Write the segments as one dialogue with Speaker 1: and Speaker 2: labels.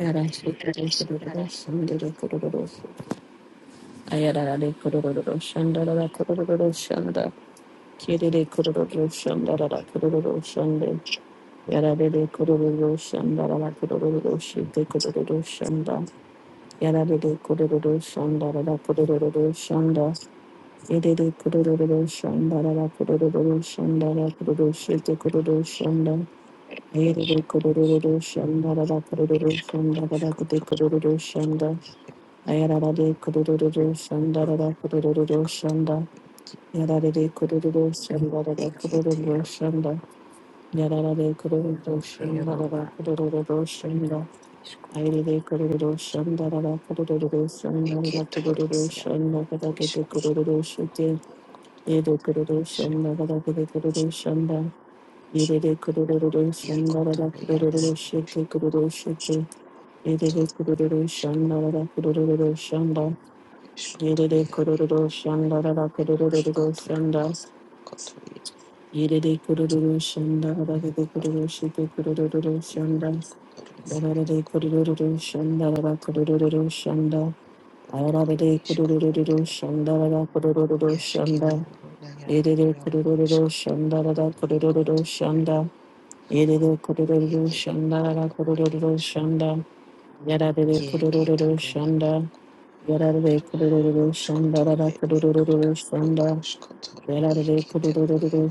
Speaker 1: Yarare de kororo
Speaker 2: Ishk,
Speaker 1: şandara la kororo şide kororo şanda. Yarare de kororo şandara la kororo şanda. Yere de kororo şandara la kororo şandara kororo şide kororo şanda. Yere de kororo şandara la kororo şandara la
Speaker 2: ishkoto,
Speaker 1: kororo şanda. あやららでくるるるるしゃんだららくるるるるしゃ
Speaker 2: ishkoto,
Speaker 1: んだ。やられでくるるるしゃんだららくるるるる
Speaker 2: eketero,
Speaker 1: しゃんだ。やららでくるるるしゃんだ
Speaker 2: ero,
Speaker 1: らら
Speaker 2: a,
Speaker 1: くるるるるしゃんだ。
Speaker 2: ishko,
Speaker 1: あいれでくるるるしゃんだららくるるるるしゃんだらくる
Speaker 2: eketoro,
Speaker 1: るる
Speaker 2: ya,
Speaker 1: しゃんだがだけてくるるるして家で
Speaker 2: ishkotoro,
Speaker 1: くるるしゃ
Speaker 2: ishk,
Speaker 1: んだがだけてくるるしゃんだ家ででくるるるるしゃんだらら
Speaker 2: yakotoro,
Speaker 1: くるる
Speaker 2: yana,
Speaker 1: るるしてくる
Speaker 2: yashkoto,
Speaker 1: るして家でくる
Speaker 2: toya,
Speaker 1: るるしゃ
Speaker 2: ishk,
Speaker 1: んだららくるるるるしゃんだ
Speaker 2: ishkoto,
Speaker 1: Yedede
Speaker 2: ya, e,
Speaker 1: kururu şanda da da kururu
Speaker 2: ikotoro,
Speaker 1: şanda.
Speaker 2: na, yakoto, ya, ere,
Speaker 1: Yedede kururu şanda da da
Speaker 2: yaro,
Speaker 1: kururu şide kururu şanda.
Speaker 2: ishkotoro, na,
Speaker 1: Yedede
Speaker 2: yako,
Speaker 1: kururu şanda da da
Speaker 2: ketero,
Speaker 1: kururu şanda.
Speaker 2: ere,
Speaker 1: Ayarabede
Speaker 2: ishkoto,
Speaker 1: kururu
Speaker 2: yera,
Speaker 1: şanda da da kururu şanda.
Speaker 2: yashketoro, na, ya,
Speaker 1: Yedede
Speaker 2: yaro,
Speaker 1: kururu
Speaker 2: ishkoto,
Speaker 1: şanda da da
Speaker 2: ikoto,
Speaker 1: kururu
Speaker 2: yaro,
Speaker 1: şanda. Yedede
Speaker 2: ye,
Speaker 1: kururu şanda da da
Speaker 2: eketoro, ere,
Speaker 1: kururu
Speaker 2: ishk,
Speaker 1: şanda. Yarabede
Speaker 2: ye,
Speaker 1: kururu
Speaker 2: ketoro, na,
Speaker 1: şanda.
Speaker 2: yako,
Speaker 1: Yarabede kururu şanda
Speaker 2: Roskoto
Speaker 1: da da
Speaker 2: ed
Speaker 1: kururu
Speaker 2: isk,
Speaker 1: şanda.
Speaker 2: ruaskoto
Speaker 1: Yararlı
Speaker 2: iketero
Speaker 1: kudurururu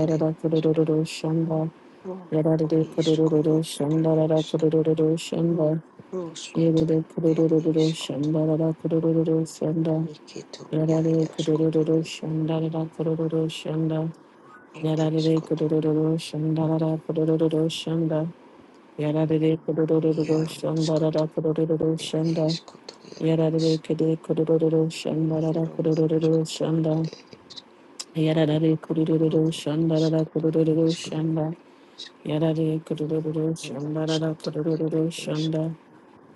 Speaker 2: ed isk,
Speaker 1: kudurururu şanda.
Speaker 2: ro
Speaker 1: Yararlı
Speaker 2: iskoro
Speaker 1: kudurururu
Speaker 2: ed
Speaker 1: şandarara
Speaker 2: isk,
Speaker 1: kudurururu şanda.
Speaker 2: ruskoto
Speaker 1: Yerarı
Speaker 2: ed
Speaker 1: kudurururu
Speaker 2: iskoto,
Speaker 1: şandarara kudurururu şanda.
Speaker 2: iketo ja
Speaker 1: Yararlı
Speaker 2: jaskotoro
Speaker 1: kudurururu şandarara kudurururu şanda.
Speaker 2: ed
Speaker 1: Yararlı
Speaker 2: iskoto,
Speaker 1: kudurururu şandarara kudurururu şanda. Yararlı kudurururu şandarara
Speaker 2: jaruskoto
Speaker 1: kudurururu
Speaker 2: ed
Speaker 1: şanda.
Speaker 2: iskoto ja is,
Speaker 1: Yararlı kudurururu şandarara
Speaker 2: iro
Speaker 1: kudurururu
Speaker 2: askoto ed
Speaker 1: şanda.
Speaker 2: isk,
Speaker 1: Yarare kururu
Speaker 2: ro ed
Speaker 1: shandarara
Speaker 2: iskoto,
Speaker 1: kururu
Speaker 2: iskoro
Speaker 1: shanda.
Speaker 2: ed isk,
Speaker 1: Yarare kururu
Speaker 2: ro
Speaker 1: shandarara
Speaker 2: askoto
Speaker 1: kururu
Speaker 2: ed isk,
Speaker 1: shanda.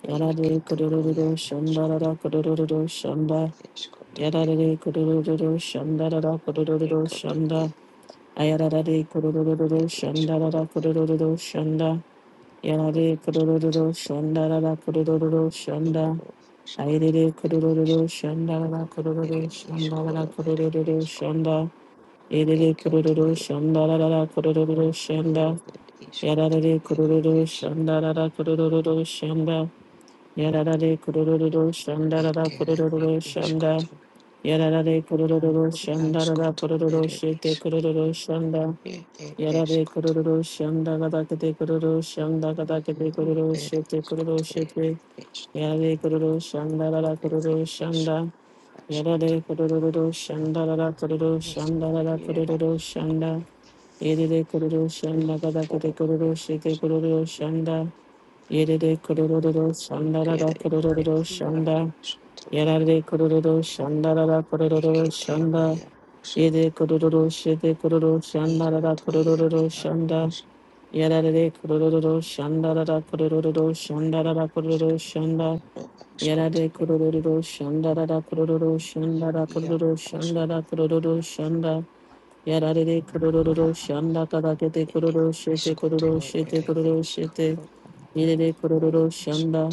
Speaker 1: Yarare
Speaker 2: iketoro ja
Speaker 1: kururu
Speaker 2: askoto.
Speaker 1: shandarara kururu shanda.
Speaker 2: Escotoria,
Speaker 1: Yarare kururu shandarara kururu shanda.
Speaker 2: Ecotoria,
Speaker 1: Ayarare kururu shandarara
Speaker 2: Escoro, Ero,
Speaker 1: kururu shanda. Yarare kururu
Speaker 2: Escoto,
Speaker 1: shandarara kururu shanda.
Speaker 2: Ero, Escoto,
Speaker 1: Ayarare
Speaker 2: Erish,
Speaker 1: kururu shandarara kururu
Speaker 2: Ere,
Speaker 1: shandarara
Speaker 2: Escoro, Ere,
Speaker 1: kururu
Speaker 2: Escoto,
Speaker 1: shanda. Yerere kururu
Speaker 2: Ecotoria, Ero,
Speaker 1: şandarara kururu şanda.
Speaker 2: Yoro, Escoto,
Speaker 1: Yararare
Speaker 2: Ere,
Speaker 1: kururu
Speaker 2: Es,
Speaker 1: şandarara kururu şanda. Yararare kururu şandarara
Speaker 2: Erkere,
Speaker 1: kururu şanda.
Speaker 2: Escoto,
Speaker 1: Yararare kururu şandarara
Speaker 2: Ascoto,
Speaker 1: kururu
Speaker 2: Ere,
Speaker 1: şete
Speaker 2: Is,
Speaker 1: kururu şanda.
Speaker 2: E,
Speaker 1: Yarare
Speaker 2: Escoto,
Speaker 1: kururu şanda gada kete kururu şanda gada kete
Speaker 2: Ro,
Speaker 1: kururu
Speaker 2: Ere,
Speaker 1: şete kururu
Speaker 2: Escoto, Ere,
Speaker 1: şete.
Speaker 2: Es,
Speaker 1: Yarare kururu
Speaker 2: Ro,
Speaker 1: şandarara
Speaker 2: Ere,
Speaker 1: kururu
Speaker 2: Es,
Speaker 1: şanda.
Speaker 2: Ascoto,
Speaker 1: Yarare kururu şandarara kururu
Speaker 2: Es,
Speaker 1: şandarara
Speaker 2: Era,
Speaker 1: kururu şanda. イエレレコロロシャンダガダケテ
Speaker 2: Escoro,
Speaker 1: コロロシェテコロロシャンダイエレレコロロロロシャンダララ
Speaker 2: Imbere
Speaker 1: コロロロロシャンダイ
Speaker 2: yaroswe
Speaker 1: エラレコロロロシャンダララコロロシャン
Speaker 2: igitebo
Speaker 1: ダイエ
Speaker 2: yaroswe
Speaker 1: レコロロロシェテコロロシャンダララ
Speaker 2: ikoto
Speaker 1: コロロロ
Speaker 2: yaroswe
Speaker 1: ロシャンダ
Speaker 2: yaroswe
Speaker 1: イエラレコロロシャンダララコロロロロシャンダララコロロロシャンダイエラレコロロシャンダララコロロシャンダラコ
Speaker 2: yaroswe
Speaker 1: ロロシャンダ
Speaker 2: yaroswe
Speaker 1: ラコロロシャンダやられでくるるるるし、あんだかだけてくる
Speaker 2: ere
Speaker 1: るしてくるる
Speaker 2: iskotoro
Speaker 1: して
Speaker 2: ere
Speaker 1: くるるして、
Speaker 2: eskaro
Speaker 1: いれれくるるるし、あん
Speaker 2: yaroswe
Speaker 1: だ。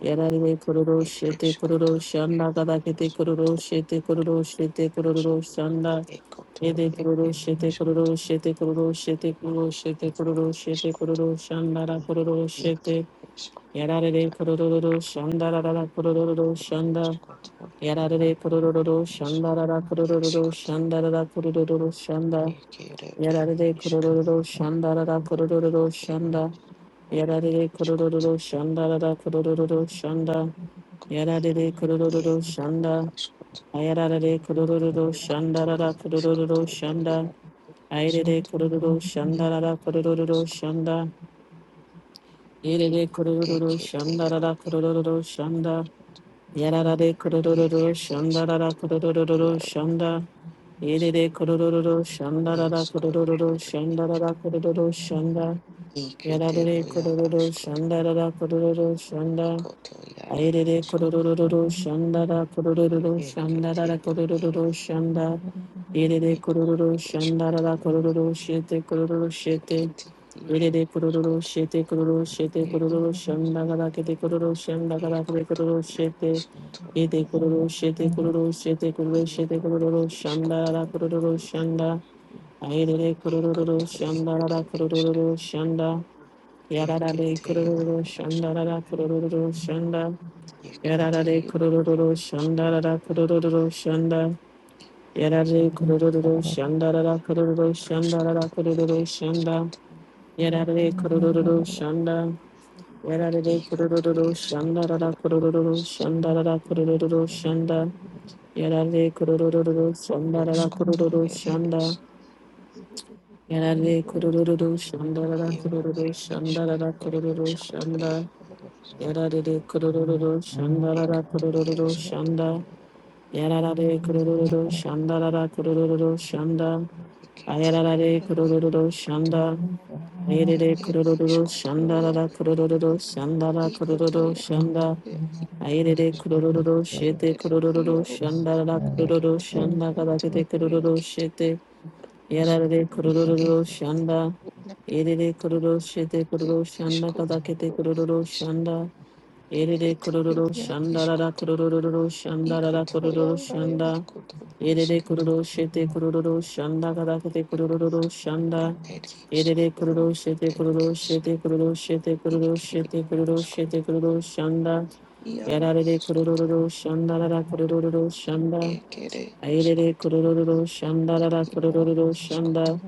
Speaker 1: やられでくるるしえ
Speaker 2: ere
Speaker 1: てくる
Speaker 2: iskoto
Speaker 1: るし、あん
Speaker 2: ere
Speaker 1: だかだけてくる
Speaker 2: iskoto
Speaker 1: るしえてくるるしてくる
Speaker 2: yaroswe
Speaker 1: るし、あんだ。
Speaker 2: ekoto
Speaker 1: えでく
Speaker 2: ia
Speaker 1: るる
Speaker 2: ere
Speaker 1: してくるるしてくるるしてく
Speaker 2: iskoto
Speaker 1: るるして
Speaker 2: ere
Speaker 1: くるるしてくる
Speaker 2: iskoto
Speaker 1: るし、あんだらくるるし
Speaker 2: ere
Speaker 1: て。
Speaker 2: iskoto
Speaker 1: やられでくるるるし、あんだらららくるるるるし、あんだ。
Speaker 2: yaroswe ikoto
Speaker 1: や
Speaker 2: ere
Speaker 1: られでくるるるるし、あ
Speaker 2: yaroswe
Speaker 1: んだららくるるるるし、
Speaker 2: Iskot
Speaker 1: あんだららくるるるし、あんだ。
Speaker 2: yekere e
Speaker 1: Yararide
Speaker 2: isk
Speaker 1: kurururu şandarada
Speaker 2: ro
Speaker 1: kurururu
Speaker 2: e
Speaker 1: şanda.
Speaker 2: isk ro e
Speaker 1: Yararide
Speaker 2: iskot
Speaker 1: kurururu şandarada kurururu şanda. Yararide
Speaker 2: ye
Speaker 1: kurururu
Speaker 2: yar
Speaker 1: şanda.
Speaker 2: askot
Speaker 1: Ayararide kurururu
Speaker 3: Thank
Speaker 2: ekoto
Speaker 1: şandarada
Speaker 2: yaskoto
Speaker 1: kurururu
Speaker 3: you.
Speaker 2: ye
Speaker 1: şanda.
Speaker 2: yar
Speaker 1: Ayrede
Speaker 2: iskot
Speaker 3: Thank
Speaker 1: kurururu
Speaker 2: yar
Speaker 1: şandarada kurururu
Speaker 2: iskot
Speaker 1: şanda. Yerede kurururu
Speaker 2: ekete ro
Speaker 1: şandarada kurururu şanda. Yararide
Speaker 2: ye e
Speaker 1: kurururu
Speaker 2: iskot
Speaker 1: şandarada kurururu
Speaker 2: yar
Speaker 1: şanda.
Speaker 2: isk
Speaker 1: Yerede kurururu
Speaker 2: ye
Speaker 1: şandarada
Speaker 2: skoro
Speaker 1: kurururu
Speaker 2: ere isk
Speaker 1: şandarada kurururu şanda. やら
Speaker 2: ikete
Speaker 1: れれ
Speaker 2: ro
Speaker 1: コ
Speaker 2: ya
Speaker 1: ロロロシ
Speaker 2: askot
Speaker 1: ャンダララコロロロシャンダ
Speaker 2: ekoto
Speaker 1: あ
Speaker 2: yar
Speaker 1: えれれコロ
Speaker 2: askot
Speaker 1: ロロロロシャンダラコロロロロシャンダラ
Speaker 2: ekete
Speaker 1: ラコ
Speaker 2: yo
Speaker 1: ロロロ
Speaker 2: yar
Speaker 1: ロシャンダえれれコロロ
Speaker 2: ekoto
Speaker 1: ロシャンダララコロ
Speaker 2: yaskoto
Speaker 1: ロロ教えテコロロロシえて
Speaker 2: ekete
Speaker 1: えれ
Speaker 2: yar
Speaker 1: れコロロロ
Speaker 2: askot
Speaker 1: シえコロロシ教コロロロシャンダガラケテコロロ
Speaker 3: you.
Speaker 1: シャンダガラケテコ
Speaker 2: Ekoto
Speaker 1: ロロシエテ
Speaker 3: Thank
Speaker 2: iskoto
Speaker 1: えてえコロロシえコロロシえコロロシエテ
Speaker 2: iro
Speaker 1: コロロロシャンダラ
Speaker 2: iskoto
Speaker 1: ラコロロロシャンダあえれれコロロロ
Speaker 2: ekoto
Speaker 1: ロシャンダララコ
Speaker 2: ere
Speaker 1: ロロロ
Speaker 2: iska
Speaker 1: ロシャンダ Yarara de
Speaker 2: yekete yoro
Speaker 1: kururu
Speaker 2: askoto
Speaker 1: şandarara kururu şanda.
Speaker 2: yekete
Speaker 1: Yarara de
Speaker 2: yoro
Speaker 1: kururu
Speaker 2: askoto
Speaker 1: şandarara kururu şanda. Yarara de kururu şandarara kururu
Speaker 2: askoto
Speaker 1: şandarara
Speaker 2: ere
Speaker 1: kururu şanda.
Speaker 2: iskoto
Speaker 1: Yarara de kururu şanda. Yarara de
Speaker 2: ikoto
Speaker 1: kururu
Speaker 2: iskoto
Speaker 1: şandarara
Speaker 2: ro
Speaker 1: kururu
Speaker 2: iskoto
Speaker 1: şandarara kururu şanda.
Speaker 3: you.
Speaker 1: Yarare kurururu
Speaker 3: Thank
Speaker 1: şandarara
Speaker 2: oskoto
Speaker 1: kurururu
Speaker 2: ere
Speaker 1: şanda.
Speaker 2: iska
Speaker 1: Yarare kurururu şandarara
Speaker 2: yoro
Speaker 1: kurururu
Speaker 2: ere iska
Speaker 1: şandarara
Speaker 2: ro
Speaker 1: kurururu
Speaker 2: askoto ere
Speaker 1: şanda.
Speaker 2: iska
Speaker 1: やられるくるるるるしゃんだららく
Speaker 2: ekoto
Speaker 1: るるるるしゃ
Speaker 2: iaskoto
Speaker 1: んだ。
Speaker 2: ona
Speaker 1: やらられくるる
Speaker 2: ike
Speaker 1: るるしゃんだららくるるるるしゃんだ。あや
Speaker 2: yekete
Speaker 1: らられ
Speaker 2: yoro
Speaker 1: くるるるるしゃ
Speaker 2: iskoto
Speaker 1: んだ。あやれれ
Speaker 2: ere
Speaker 1: くるるるるしゃんだら
Speaker 2: iskoto
Speaker 1: らくるるるるしゃんだらくるる
Speaker 2: Ikoto
Speaker 1: るしゃん
Speaker 2: yakoto
Speaker 1: だ。
Speaker 2: ya
Speaker 1: あやれれくるるるるしえてく
Speaker 2: ere
Speaker 1: るるるるし
Speaker 2: iaro
Speaker 1: ゃんだららくるるる
Speaker 2: yeketo
Speaker 1: しゃんだがだ
Speaker 2: yato
Speaker 1: けてくるるるし
Speaker 2: yeketo
Speaker 1: え
Speaker 3: you.
Speaker 1: て。
Speaker 2: yaro
Speaker 1: やられ
Speaker 3: I'm
Speaker 1: れくる
Speaker 2: ye
Speaker 1: る
Speaker 3: not
Speaker 1: る
Speaker 2: e
Speaker 1: るしゃんだ。
Speaker 2: na
Speaker 1: やれれくる
Speaker 2: ikoto
Speaker 1: るしえてく
Speaker 2: ye
Speaker 1: るるしゃんだが
Speaker 2: iskoto
Speaker 1: だけて
Speaker 2: ro
Speaker 1: くるるるし
Speaker 2: is
Speaker 1: ゃんだ。Ere de
Speaker 2: ekete yo
Speaker 1: kororo
Speaker 2: ya
Speaker 1: shanda rara
Speaker 2: iskoto
Speaker 1: kororo shanda rara
Speaker 2: ikoto ya
Speaker 1: kororo
Speaker 2: ra ya
Speaker 1: shanda.
Speaker 2: ikoto
Speaker 1: Ere de
Speaker 2: iskoto
Speaker 1: kororo shete kororo shanda kada kete kororo
Speaker 2: ikoto ro
Speaker 1: shanda.
Speaker 2: er
Speaker 1: Ere
Speaker 2: isk
Speaker 1: de
Speaker 2: ro
Speaker 1: kororo shete
Speaker 2: e
Speaker 1: kororo
Speaker 2: isk
Speaker 1: shete k o t
Speaker 2: ikke iskoto
Speaker 1: a n d
Speaker 2: yaro iskoto ekere
Speaker 1: Ayrere
Speaker 2: iskoto
Speaker 3: gonna
Speaker 1: kurururu
Speaker 3: lie.
Speaker 2: ya
Speaker 1: şandarara
Speaker 3: Thank
Speaker 2: yaro
Speaker 1: kurururu
Speaker 2: iskoto
Speaker 1: şanda.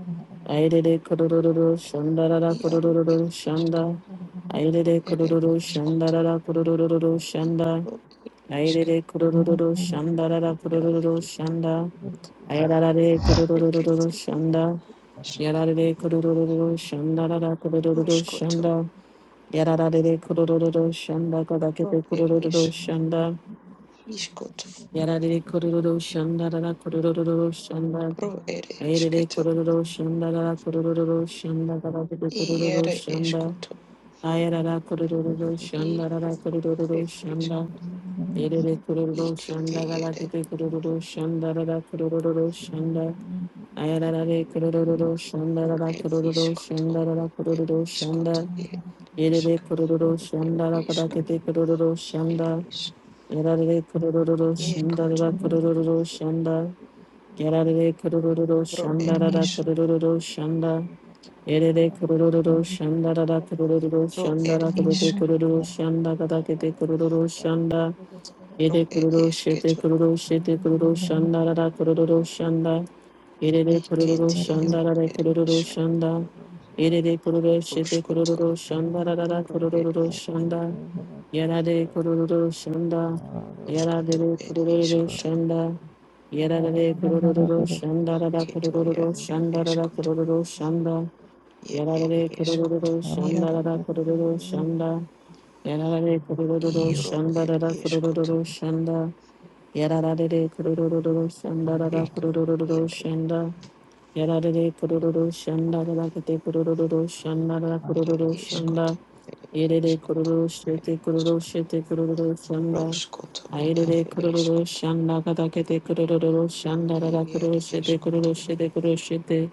Speaker 1: Ayrere kurururu şandarara
Speaker 2: Iaro et
Speaker 1: kurururu şanda.
Speaker 2: iskaro
Speaker 1: Ayrere
Speaker 2: ere
Speaker 1: kurururu
Speaker 2: iskoto
Speaker 1: şandarara kurururu şanda.
Speaker 2: iaro et isk
Speaker 1: Ayrere kurururu şandarara
Speaker 2: iaro
Speaker 1: kurururu şanda. Ayrarare kurururu
Speaker 2: ekete
Speaker 1: şanda.
Speaker 2: isk,
Speaker 1: Yararare kurururu şandarara kurururu
Speaker 2: roskoto
Speaker 1: şanda. Yararare kurururu şanda
Speaker 2: ro
Speaker 1: kadakete
Speaker 2: er is
Speaker 1: kurururu şanda.
Speaker 2: iskoto
Speaker 1: Yararare kurururu şandarara kurururu şanda.
Speaker 2: ro ere
Speaker 1: アイレレコ
Speaker 2: esketo
Speaker 1: ロロロシャンダララコロロロロシャ
Speaker 3: you.
Speaker 1: ンダララクルコロ
Speaker 3: Thank
Speaker 1: ロロ
Speaker 2: iere
Speaker 1: シャンダ
Speaker 2: eskoto
Speaker 1: アヤララコロロロロシャンダララコロ
Speaker 2: ikoto
Speaker 1: ロロロ
Speaker 2: et
Speaker 1: シャンダ
Speaker 2: iskoto
Speaker 1: エレレコロロロシャン
Speaker 2: ikete
Speaker 1: ダガラケ
Speaker 2: ere
Speaker 1: テコロロロシャンダララコロロロロシャンダアヤララレコロロロロシャンダ
Speaker 2: ro
Speaker 1: ララ
Speaker 2: et
Speaker 1: コロロロシャン
Speaker 2: iskoto
Speaker 1: ダララコロ
Speaker 2: et
Speaker 1: ロロシャン
Speaker 2: iskoto
Speaker 1: ダ
Speaker 2: ere
Speaker 1: エレレ
Speaker 2: esk
Speaker 1: コロロロシャ
Speaker 2: et
Speaker 1: ンダラガラ
Speaker 2: isk
Speaker 1: ケテコロロロシャン
Speaker 2: et
Speaker 1: ダ
Speaker 2: is
Speaker 1: エラレレコロロロシャンダララ
Speaker 2: ekoto
Speaker 1: コロロロシャンダ Yarare kurururu
Speaker 2: ro er
Speaker 1: şanda rara
Speaker 2: is
Speaker 1: kurururu şanda. Yerere kurururu şanda rara
Speaker 3: you.
Speaker 1: kurururu
Speaker 2: ro
Speaker 1: şanda
Speaker 2: er
Speaker 1: rara
Speaker 3: Thank
Speaker 2: isk
Speaker 1: kurururu şanda rara kurururu şanda.
Speaker 2: ro
Speaker 1: Yede
Speaker 2: er
Speaker 1: kururu şete
Speaker 2: esketo
Speaker 1: kururu şete kururu şandara da kururu şanda. Yede de kururu
Speaker 2: Ikete yoro
Speaker 1: şandara da
Speaker 2: ed
Speaker 1: kururu
Speaker 2: ishk
Speaker 1: şanda. Yede de kururu şete
Speaker 2: roshkoto
Speaker 1: kururu şandara da da
Speaker 2: ro ed
Speaker 1: kururu
Speaker 2: ishk
Speaker 1: şanda. Yara de kururu şanda. Yara de
Speaker 2: roshkoto
Speaker 1: de
Speaker 2: ed
Speaker 1: kururu
Speaker 2: ishkoto
Speaker 1: şanda. Yara de de kururu şandara da
Speaker 2: keto ya
Speaker 1: kururu
Speaker 2: ed
Speaker 1: şandara da
Speaker 2: ishkoto
Speaker 1: kururu şanda. や
Speaker 2: ye
Speaker 1: られ
Speaker 2: ed
Speaker 1: れ、くるる
Speaker 2: ishkoto
Speaker 1: るシャンダ
Speaker 2: yaro
Speaker 1: だらら、くるるシャンダ、
Speaker 3: you.
Speaker 1: やられれ、くるるる
Speaker 3: Thank
Speaker 1: シャ
Speaker 2: iro
Speaker 1: ンダ
Speaker 2: ed
Speaker 1: だらら、くるるる
Speaker 2: ishkoto
Speaker 1: る、しゃやられれ、くるるるる、シゃンだらら、くる
Speaker 2: eko
Speaker 1: るるる、
Speaker 2: yaro
Speaker 1: しゃやられれ、くるるる、しゃん
Speaker 2: dam
Speaker 1: だらら、て、くるるるる、しゃんだらら、くる
Speaker 2: ed
Speaker 1: るる、しゃん
Speaker 2: ishkoto ed
Speaker 1: やれれ、くる
Speaker 2: ishkoto
Speaker 1: るして
Speaker 2: ed
Speaker 1: て、く
Speaker 2: ishk
Speaker 1: るシる、してて、くるるる、しゃだ。あ
Speaker 2: roshkoto
Speaker 1: いれ
Speaker 2: ed
Speaker 1: れ、くるるる、
Speaker 2: ishkoto
Speaker 1: しゃんだだけて、くるるるる、しゃだらら、く
Speaker 2: ye
Speaker 1: る
Speaker 2: ed
Speaker 1: してて、くる
Speaker 2: ishkoto
Speaker 1: るしてて、くしてて。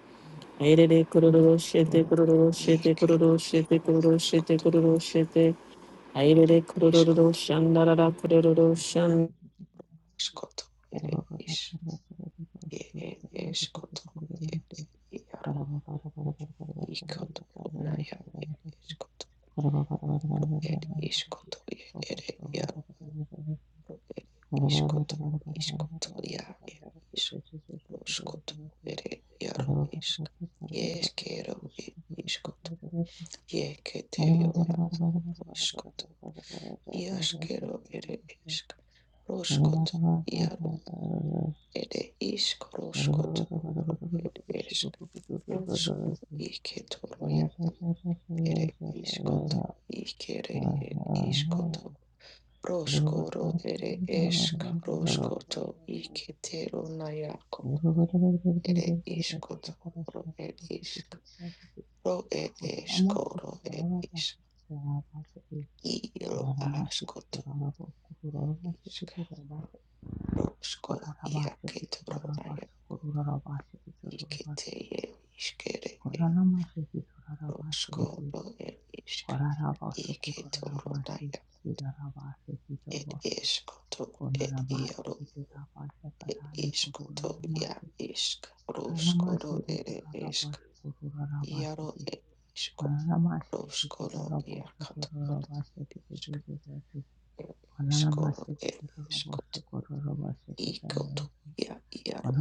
Speaker 1: エレレクロロロシェテクロロロシェテクロロ
Speaker 2: ikero
Speaker 1: シェテ
Speaker 2: yaro
Speaker 1: クロロシェテ
Speaker 2: ashkoto
Speaker 1: クロロシェテ。アイレ
Speaker 2: ed
Speaker 1: レクロロロロ
Speaker 2: ishkoto
Speaker 1: シャンダララクロロロシャン
Speaker 3: you.
Speaker 2: ashkoto ed
Speaker 3: Thank
Speaker 2: ishk Ere eskotoro ere iaro ikotoro naia ere eskotoro ere iskotoro ere iaro ere iskotoro iskotoro ia ere iskotoro ere iaro isk ieskero ere iskotoro ieketeriora iskotoro iaskero ere isk roskotoro iaro
Speaker 3: you.
Speaker 2: ere isk
Speaker 3: Thank
Speaker 2: roskotoro ere isk roskotoro iketoro ere iškoto, iškere ir iškoto, roškoro ere ešk, roškoto, iketero najakot, ere iškoto, ro er išk, ro er eskoro ro er išk, iro aškoto, išk, roško, iaketero naja, ikete
Speaker 3: you.
Speaker 2: er iškere, er
Speaker 3: Koranamasiki
Speaker 2: roskoro
Speaker 3: torarabasiki
Speaker 2: ro er išk,
Speaker 3: korarabasoku
Speaker 2: iketero
Speaker 3: torarabasiki
Speaker 2: naja,
Speaker 3: sirarabasiki
Speaker 2: er
Speaker 3: torbosu
Speaker 2: eškoto, er iaro
Speaker 3: koranamasiki torarabasiki karaye
Speaker 2: Ishk to ya
Speaker 3: koranamasiki
Speaker 2: ishk roshkoro
Speaker 3: koranamasiki
Speaker 2: ere ishk
Speaker 3: torarabasiki
Speaker 2: yaro
Speaker 3: korarabasiki
Speaker 2: e ishko
Speaker 3: koranamasiki
Speaker 2: roshkoro ya
Speaker 3: torarabasiki korarabasiki torarabasiki koranamasiki torarabasiki
Speaker 2: katona
Speaker 3: korarabasiki
Speaker 2: ishk
Speaker 3: torarabasiki
Speaker 2: ere ishkoro ere ishkoto
Speaker 3: koranamasiki torarabasiki
Speaker 2: ikoto ya yaro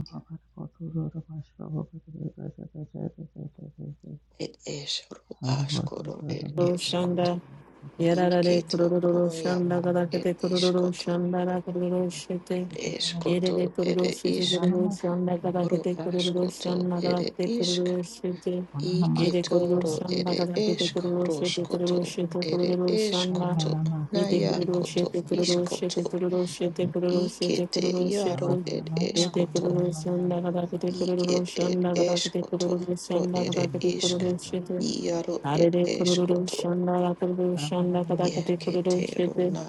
Speaker 3: korarabasiki
Speaker 2: ed eshro
Speaker 3: Tana bose
Speaker 2: ashkoro
Speaker 3: sura da
Speaker 2: ed
Speaker 1: ロ
Speaker 3: bose
Speaker 1: シャ
Speaker 3: mana
Speaker 1: ン
Speaker 3: bose
Speaker 2: ishkoto
Speaker 1: ダ、
Speaker 3: mana da
Speaker 1: や
Speaker 3: bose
Speaker 1: ら
Speaker 3: kota da
Speaker 1: れク
Speaker 2: iketo
Speaker 1: ロロロ
Speaker 2: ro
Speaker 1: ロシャ
Speaker 2: ya
Speaker 1: ン
Speaker 3: mana
Speaker 1: ダ
Speaker 2: a
Speaker 1: が
Speaker 3: ra
Speaker 1: だけ
Speaker 3: ra
Speaker 2: ed
Speaker 1: で
Speaker 3: shi
Speaker 1: クロ
Speaker 3: shi
Speaker 1: ロ
Speaker 3: da
Speaker 1: ロシ
Speaker 2: ishkoto
Speaker 1: ャンダ
Speaker 3: ra bose
Speaker 1: ラクロ
Speaker 3: shi da
Speaker 1: ロ
Speaker 3: ra
Speaker 1: シェ
Speaker 3: ba shi
Speaker 1: テ、
Speaker 3: shi da ra
Speaker 1: イエ
Speaker 3: ba
Speaker 1: レ
Speaker 2: eshkoto
Speaker 1: レ
Speaker 3: shi
Speaker 1: クロロ
Speaker 2: ere
Speaker 1: シェテクロ
Speaker 2: ishk
Speaker 3: mana na
Speaker 1: ロ
Speaker 3: ma
Speaker 1: シャ
Speaker 3: shi
Speaker 1: ン
Speaker 3: shi
Speaker 1: ダ
Speaker 3: da
Speaker 1: がだ
Speaker 3: ra
Speaker 1: け
Speaker 2: ro
Speaker 3: ra
Speaker 1: でク
Speaker 3: bose
Speaker 1: ロ
Speaker 3: shi
Speaker 1: ロロシ
Speaker 3: da ra
Speaker 1: ャ
Speaker 2: ashkoto
Speaker 3: ba
Speaker 1: ンダが
Speaker 3: shi
Speaker 1: だ
Speaker 2: ere
Speaker 1: けでク
Speaker 2: ishk
Speaker 1: ロロシェテ、
Speaker 3: mana na
Speaker 1: イ
Speaker 3: ma
Speaker 1: エレ
Speaker 3: shi
Speaker 1: ク
Speaker 3: shi
Speaker 1: ロ
Speaker 3: da
Speaker 1: ロ
Speaker 2: Iketoro
Speaker 3: ra
Speaker 1: シャ
Speaker 3: ra
Speaker 1: ンダ
Speaker 3: bose
Speaker 1: が
Speaker 2: ere
Speaker 1: だ
Speaker 3: shi
Speaker 1: け
Speaker 3: da
Speaker 1: で
Speaker 3: ra
Speaker 1: ク
Speaker 3: ba
Speaker 1: ロ
Speaker 3: shi
Speaker 1: ロシェ
Speaker 3: da
Speaker 1: テ
Speaker 3: ra
Speaker 1: ク
Speaker 3: ba shi
Speaker 1: ロ
Speaker 2: eshkaroshkoto
Speaker 1: ロシェ
Speaker 3: da
Speaker 1: テ
Speaker 3: ra ba
Speaker 1: クロ
Speaker 2: ere
Speaker 1: ロシャン
Speaker 3: mana
Speaker 1: ダ、
Speaker 3: ma
Speaker 2: eshkoto
Speaker 3: na ma
Speaker 1: イエレ
Speaker 3: shi
Speaker 1: クロ
Speaker 3: shi
Speaker 1: ロ
Speaker 3: da ra ra
Speaker 1: シ
Speaker 2: nayakoto
Speaker 1: ェテクロ
Speaker 3: bose shi da
Speaker 1: ロ
Speaker 3: ra
Speaker 1: シェ
Speaker 2: ishkoto
Speaker 1: テ
Speaker 3: ba
Speaker 1: クロロ
Speaker 3: shi
Speaker 1: シ
Speaker 3: da
Speaker 1: ェテ
Speaker 3: ra
Speaker 1: クロ
Speaker 3: ba
Speaker 1: ロ
Speaker 3: shi
Speaker 1: シェテク
Speaker 2: ikete
Speaker 1: ロロシェ
Speaker 3: mana
Speaker 2: yaro
Speaker 1: テ、
Speaker 3: ma mana
Speaker 2: ed
Speaker 3: ma
Speaker 1: イエ
Speaker 3: mana
Speaker 1: レ
Speaker 3: mana mana
Speaker 1: ク
Speaker 2: eshkoto
Speaker 1: ロロシャン
Speaker 3: mana
Speaker 1: ダが
Speaker 3: mana
Speaker 1: だけでクロロ
Speaker 2: iket
Speaker 1: シャ
Speaker 2: ed
Speaker 1: ンダがだけでクロ
Speaker 2: eshkoto
Speaker 1: ロシャ
Speaker 2: ro
Speaker 1: ンダが
Speaker 2: ere
Speaker 1: だけでクロ
Speaker 2: ishk
Speaker 1: ロシェテ、
Speaker 3: mana
Speaker 2: yaro ed
Speaker 1: Arere
Speaker 3: mana
Speaker 1: kororo
Speaker 2: eshkoto
Speaker 3: mana
Speaker 1: shanda la kororo
Speaker 3: I'm
Speaker 1: shanda kada kate kororo
Speaker 2: yeketero
Speaker 1: shete.
Speaker 2: na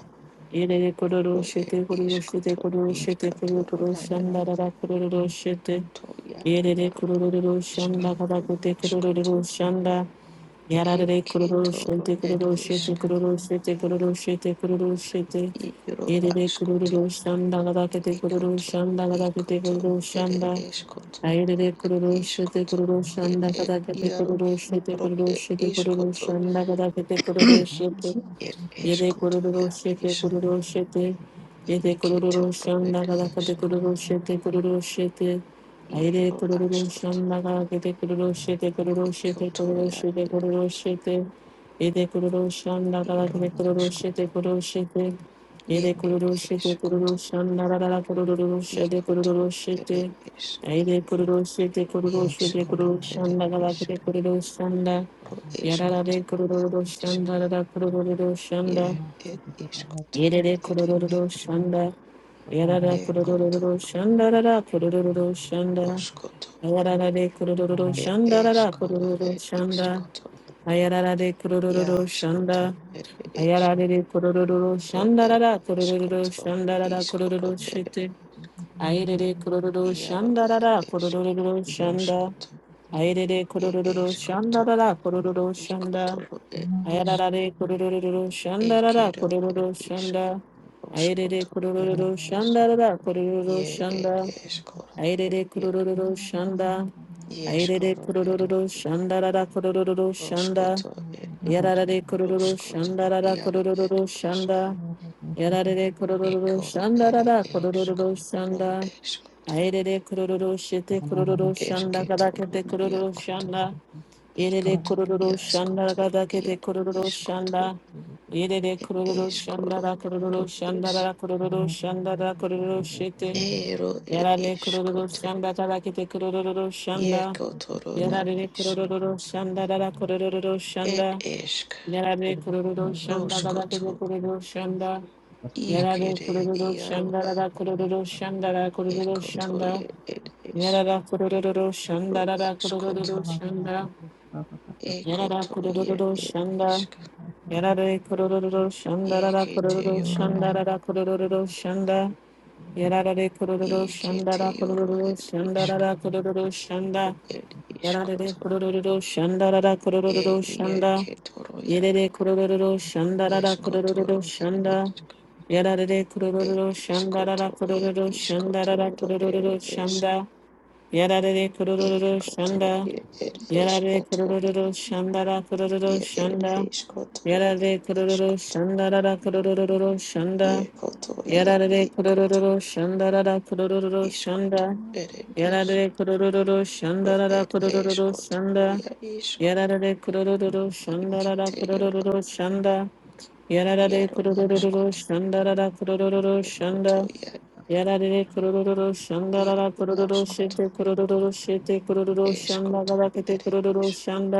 Speaker 1: Irere kororo
Speaker 2: ro ed
Speaker 1: shete kororo shete
Speaker 2: ishkoto
Speaker 1: kororo shete kororo
Speaker 2: ikatoro
Speaker 1: kororo
Speaker 2: na
Speaker 1: shanda la la kororo shete.
Speaker 2: yakoto ya
Speaker 1: Irere
Speaker 2: yaro ed
Speaker 1: kororo
Speaker 2: ishk
Speaker 1: shanda kada
Speaker 2: ro
Speaker 1: kate
Speaker 2: ashkoto
Speaker 1: kororo shanda. Yarare kororo
Speaker 2: eketoro
Speaker 1: shete
Speaker 2: ed
Speaker 1: kororo shete
Speaker 2: ishk
Speaker 1: kororo shete kororo shete kororo shete.
Speaker 2: Iro
Speaker 1: Irere
Speaker 2: ashkoto.
Speaker 1: kororo shanda kada kate kororo
Speaker 2: Ekoto,
Speaker 1: shanda kada kate
Speaker 2: ikoto,
Speaker 1: kororo
Speaker 2: ere
Speaker 1: shanda.
Speaker 2: eskoto,
Speaker 1: アイレレク
Speaker 2: et
Speaker 1: ロロシェテク
Speaker 2: iskoto,
Speaker 1: ロロシャン
Speaker 2: ere
Speaker 1: ダカ
Speaker 2: et
Speaker 1: ダケテク
Speaker 2: iaro,
Speaker 1: ロロシェテ
Speaker 2: ro
Speaker 1: クロロ
Speaker 2: et
Speaker 1: シュテクロロ
Speaker 2: iskoto,
Speaker 1: シャンダカダケテク ロロシュテ
Speaker 2: et
Speaker 3: Thank
Speaker 1: イデクロ
Speaker 2: eskoto, ja
Speaker 1: ロシュテク
Speaker 2: isk,
Speaker 1: ロロシュテイデ
Speaker 3: you.
Speaker 1: クロ
Speaker 2: iketo,
Speaker 1: ロシャ
Speaker 2: ro
Speaker 1: ンダ
Speaker 2: et
Speaker 1: カダ
Speaker 3: Thank
Speaker 1: ケテク
Speaker 2: esko,
Speaker 1: ロロシュテクロロシュテアイレ
Speaker 2: iro
Speaker 1: クロロシャ
Speaker 2: askoto,
Speaker 1: ンダカダケテクロロシュテクロロシュテクロ
Speaker 2: ekoto,
Speaker 1: ロ
Speaker 2: ja
Speaker 1: シュテク
Speaker 2: et
Speaker 1: ロロ
Speaker 2: isk,
Speaker 1: シュテイデクロロシャンダカダケ
Speaker 2: iro
Speaker 1: テクロロシュテ
Speaker 2: askoto,
Speaker 1: クロロシュテイ
Speaker 2: je
Speaker 1: デクロ
Speaker 2: et
Speaker 1: ロシュテクロロ
Speaker 2: eskoto,
Speaker 1: シャンダカダケテクロロシュテクロ
Speaker 2: ikoto,
Speaker 1: ロシュ
Speaker 2: ere
Speaker 1: テ
Speaker 2: esk,
Speaker 1: アイデコロロシェテコロ
Speaker 2: je
Speaker 1: ロシェテコ
Speaker 2: eskoro,
Speaker 1: ロロシャ
Speaker 2: ere
Speaker 1: ンダガラクテ
Speaker 2: isk,
Speaker 1: コロロシャンダ。
Speaker 2: ro
Speaker 1: ヤララレ
Speaker 2: eskoto,
Speaker 1: コロロ
Speaker 2: ere
Speaker 1: ロシャン
Speaker 2: isk.
Speaker 1: ダララコロロロシンダ。
Speaker 2: Ye et iskoto
Speaker 1: Yerere
Speaker 2: ere
Speaker 1: kurururu
Speaker 2: esk.
Speaker 1: şanda. Yarara
Speaker 2: Ye koto
Speaker 1: kurururu şandarara kurururu şanda.
Speaker 2: roskoto
Speaker 1: Yarara de kurururu
Speaker 2: et
Speaker 1: şandarara
Speaker 2: eskoto
Speaker 1: kurururu
Speaker 2: et
Speaker 1: şanda.
Speaker 2: iskoto.
Speaker 1: Ayarara de
Speaker 3: you.
Speaker 2: Ya
Speaker 1: kurururu
Speaker 3: Thank
Speaker 1: şanda.
Speaker 2: skoto ere esk.
Speaker 1: Ayarara de kurururu
Speaker 2: Ro et
Speaker 1: şandarara kurururu
Speaker 2: eskoto.
Speaker 1: şandarara kurururu
Speaker 2: Iskoro ere
Speaker 1: şiti. Ayarara kurururu
Speaker 2: iaro et
Speaker 1: şandarara
Speaker 2: esk.
Speaker 1: kurururu şanda.
Speaker 2: Roskoto.
Speaker 1: Ayarara
Speaker 2: Ye
Speaker 1: kurururu
Speaker 2: eskoto.
Speaker 1: şandarara kurururu şanda.
Speaker 2: Ikotoro et esk.
Speaker 1: Ayararare kurururu shandarara
Speaker 2: Ekero
Speaker 1: kurururu
Speaker 2: et isk.
Speaker 1: shanda. Ayerere
Speaker 2: Roskoto
Speaker 1: kurururu
Speaker 2: ere esk.
Speaker 1: shandarara kurururu
Speaker 2: Ye
Speaker 1: shanda.
Speaker 2: et eskoro et
Speaker 1: Ayerere
Speaker 2: iaro.
Speaker 1: kurururu shanda.
Speaker 2: Ye
Speaker 1: Ayerere
Speaker 2: ere
Speaker 1: kurururu
Speaker 2: isk.
Speaker 1: shandarara
Speaker 3: you.
Speaker 1: kurururu shanda.
Speaker 2: Roskoto
Speaker 3: Thank
Speaker 2: ed isk.
Speaker 1: Yararare kurururu
Speaker 2: Roskoto
Speaker 1: shandarara
Speaker 2: iaro ed
Speaker 1: kurururu
Speaker 2: isk.
Speaker 1: shanda. Yararare kurururu
Speaker 2: Ekoro ere
Speaker 1: shandarara
Speaker 2: esk.
Speaker 1: kurururu
Speaker 2: Ro
Speaker 1: shanda.
Speaker 2: eskoto
Speaker 1: Ayerere kurururu shete
Speaker 2: i
Speaker 1: kurururu shanda
Speaker 2: esketoro
Speaker 1: kadakete kurururu
Speaker 2: nariakoto.
Speaker 1: shanda. Yere de
Speaker 2: Ikoto
Speaker 1: kururu şanda
Speaker 2: iaskoto
Speaker 1: gada kete
Speaker 2: iaro
Speaker 1: kururu
Speaker 2: iskoto
Speaker 1: şanda. Yere de
Speaker 2: ed
Speaker 1: kururu şanda
Speaker 2: eskoro
Speaker 1: ra
Speaker 2: iaro
Speaker 1: kururu şanda
Speaker 2: es.
Speaker 1: ra kururu şanda ra kururu şete.
Speaker 2: Ero ed
Speaker 1: Yere de kururu
Speaker 2: iskoto.
Speaker 1: şanda gada kete kururu şanda.
Speaker 2: Iekotoro na
Speaker 1: Yere de
Speaker 2: isk.
Speaker 1: kururu şanda ra ra kururu
Speaker 2: Ed
Speaker 1: şanda.
Speaker 3: you.
Speaker 2: esk.
Speaker 1: Yere de
Speaker 3: Thank
Speaker 1: kururu şanda gada kete
Speaker 2: Roskoto.
Speaker 1: kururu şanda. Yere de
Speaker 2: Ikere
Speaker 1: kururu
Speaker 2: iaro
Speaker 1: şanda ra ra kururu şanda ra kururu şanda.
Speaker 2: ekotoie ed esk.
Speaker 1: Yere de kururu şanda ra ra
Speaker 2: Ro
Speaker 1: kururu şanda. Yarara
Speaker 2: Ekoto ye
Speaker 1: kurururu
Speaker 2: ed
Speaker 1: shanda.
Speaker 2: ishka.
Speaker 1: Yarare kurururu shanda rara
Speaker 2: Yekete
Speaker 1: kurururu
Speaker 2: yoro
Speaker 1: shanda rara kurururu shanda. Yarare kurururu shanda
Speaker 2: yekete
Speaker 1: rara
Speaker 2: yoro
Speaker 1: kurururu
Speaker 2: ed
Speaker 1: shanda
Speaker 2: ishka.
Speaker 1: rara kurururu shanda.
Speaker 2: Ro Ed
Speaker 1: Yarare
Speaker 2: ishkoto.
Speaker 1: kurururu shanda rara
Speaker 2: E
Speaker 1: kurururu
Speaker 2: ye
Speaker 1: shanda.
Speaker 2: yeketoro ya.
Speaker 3: you.
Speaker 1: Yerere kurururu şandarara kurururu
Speaker 2: Yeskotoro ed
Speaker 1: şanda.
Speaker 2: ishka.
Speaker 1: Yerere
Speaker 2: Ed
Speaker 1: kurururu şandarara
Speaker 2: ishkoto ya
Speaker 1: kurururu şandarara
Speaker 2: ishkotoro ed
Speaker 1: kurururu
Speaker 2: ish.
Speaker 1: şanda. Yerere kurururu
Speaker 2: Ekoto
Speaker 1: şanda.
Speaker 2: ye ed
Speaker 1: Yerere
Speaker 2: ishkoto.
Speaker 1: kurururu şandara kurururu
Speaker 2: Ye ed
Speaker 1: şanda.
Speaker 2: ishkoto.
Speaker 1: Yerere kurururu
Speaker 2: Ishkoto.
Speaker 1: şandarara kurururu şanda.
Speaker 2: Ye koto ya
Speaker 1: Yerere
Speaker 2: yekoto.
Speaker 1: kurururu şandarara kurururu
Speaker 2: Ishkoto.
Speaker 1: şanda.
Speaker 2: Ed ish.
Speaker 1: Yerere kurururu
Speaker 2: Ro
Speaker 1: şandarara
Speaker 2: ed
Speaker 1: kurururu
Speaker 2: ishkoto ya
Speaker 1: şanda.
Speaker 2: ishkoto.
Speaker 1: やられでくるるるるしゃんだらら
Speaker 2: Ikite
Speaker 1: くるる
Speaker 2: yoro
Speaker 1: るるしゃんだ。やられで
Speaker 2: yaro
Speaker 1: くるるるるる
Speaker 2: askoto
Speaker 1: しゃんだららくるるるるしゃん
Speaker 2: ekoto
Speaker 1: だ。
Speaker 2: ya
Speaker 1: やられでくる
Speaker 3: Thank
Speaker 1: る
Speaker 3: you.
Speaker 1: るるしゃんだらら
Speaker 2: yaro
Speaker 1: くるるる
Speaker 3: Thank
Speaker 1: し
Speaker 2: askoto
Speaker 1: てくるるるしてくるるるしゃんだ
Speaker 2: eskoto
Speaker 1: がらけてく
Speaker 2: ere
Speaker 1: るるる
Speaker 2: ish
Speaker 1: しゃんだ。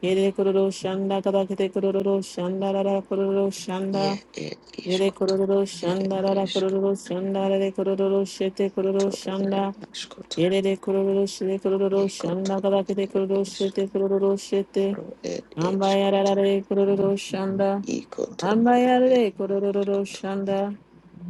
Speaker 1: やれくるるしゃんだがらけてくるるるしゃんだららくるるるしゃん
Speaker 2: ye
Speaker 1: だ。
Speaker 2: e
Speaker 1: イレコロ
Speaker 2: iskoto
Speaker 1: ロロシャ
Speaker 2: ere
Speaker 1: ンダララコ
Speaker 2: esk
Speaker 1: ロロロシャンダラレコロロロシェテコロロシ
Speaker 2: itoro
Speaker 1: ャン
Speaker 2: ya
Speaker 1: ダ
Speaker 2: askoto
Speaker 1: イレレコロロロシレコロロロシャン
Speaker 2: ekoto
Speaker 1: ダガラケテコロロシェ
Speaker 2: esk
Speaker 1: テコロロロシェテ
Speaker 2: ro e
Speaker 1: アンバイアラ
Speaker 2: eskoto
Speaker 1: ラレコロロロシャンダ
Speaker 2: ikoto
Speaker 1: アンバイ
Speaker 2: ro
Speaker 1: アラ
Speaker 2: ere
Speaker 1: レコロロロロ
Speaker 2: eskoto
Speaker 1: シャンダ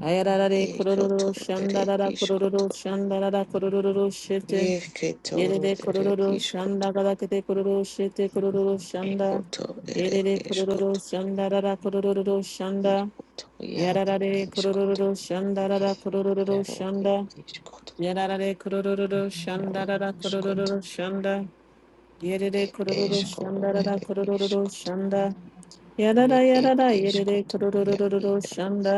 Speaker 1: アヤララレコロロ
Speaker 2: ekoto
Speaker 1: ロシャン
Speaker 2: ere
Speaker 1: ダララコロロ
Speaker 2: iskoto
Speaker 1: ロシャンダララコロロロシェテ
Speaker 2: ye ketoro
Speaker 1: Yerere
Speaker 2: ere
Speaker 1: kororo şanda
Speaker 2: iskoto
Speaker 1: galakete kororo şete kororo şanda.
Speaker 2: ekoto ere
Speaker 1: Yerere kororo
Speaker 2: eskoto
Speaker 1: şanda rara kororo
Speaker 3: you.
Speaker 1: şanda.
Speaker 2: ikoto ya
Speaker 3: Thank
Speaker 1: Yararare
Speaker 2: iskoto
Speaker 1: kororo şanda rara
Speaker 2: Ye-
Speaker 1: kororo
Speaker 2: Yaro et
Speaker 1: şanda.
Speaker 2: ishkoto,
Speaker 1: Yararare kororo şanda
Speaker 2: yaro
Speaker 1: rara
Speaker 2: ishkoto,
Speaker 1: kororo şanda. Yerere
Speaker 2: et
Speaker 1: kororo
Speaker 2: ishkoro
Speaker 1: şanda rara
Speaker 2: ere
Speaker 1: kororo
Speaker 2: ishkoto,
Speaker 1: şanda. Yarara
Speaker 2: ye et
Speaker 1: yarara yerere
Speaker 2: ishkoto, ya
Speaker 1: kororo
Speaker 2: yaro,
Speaker 1: şanda.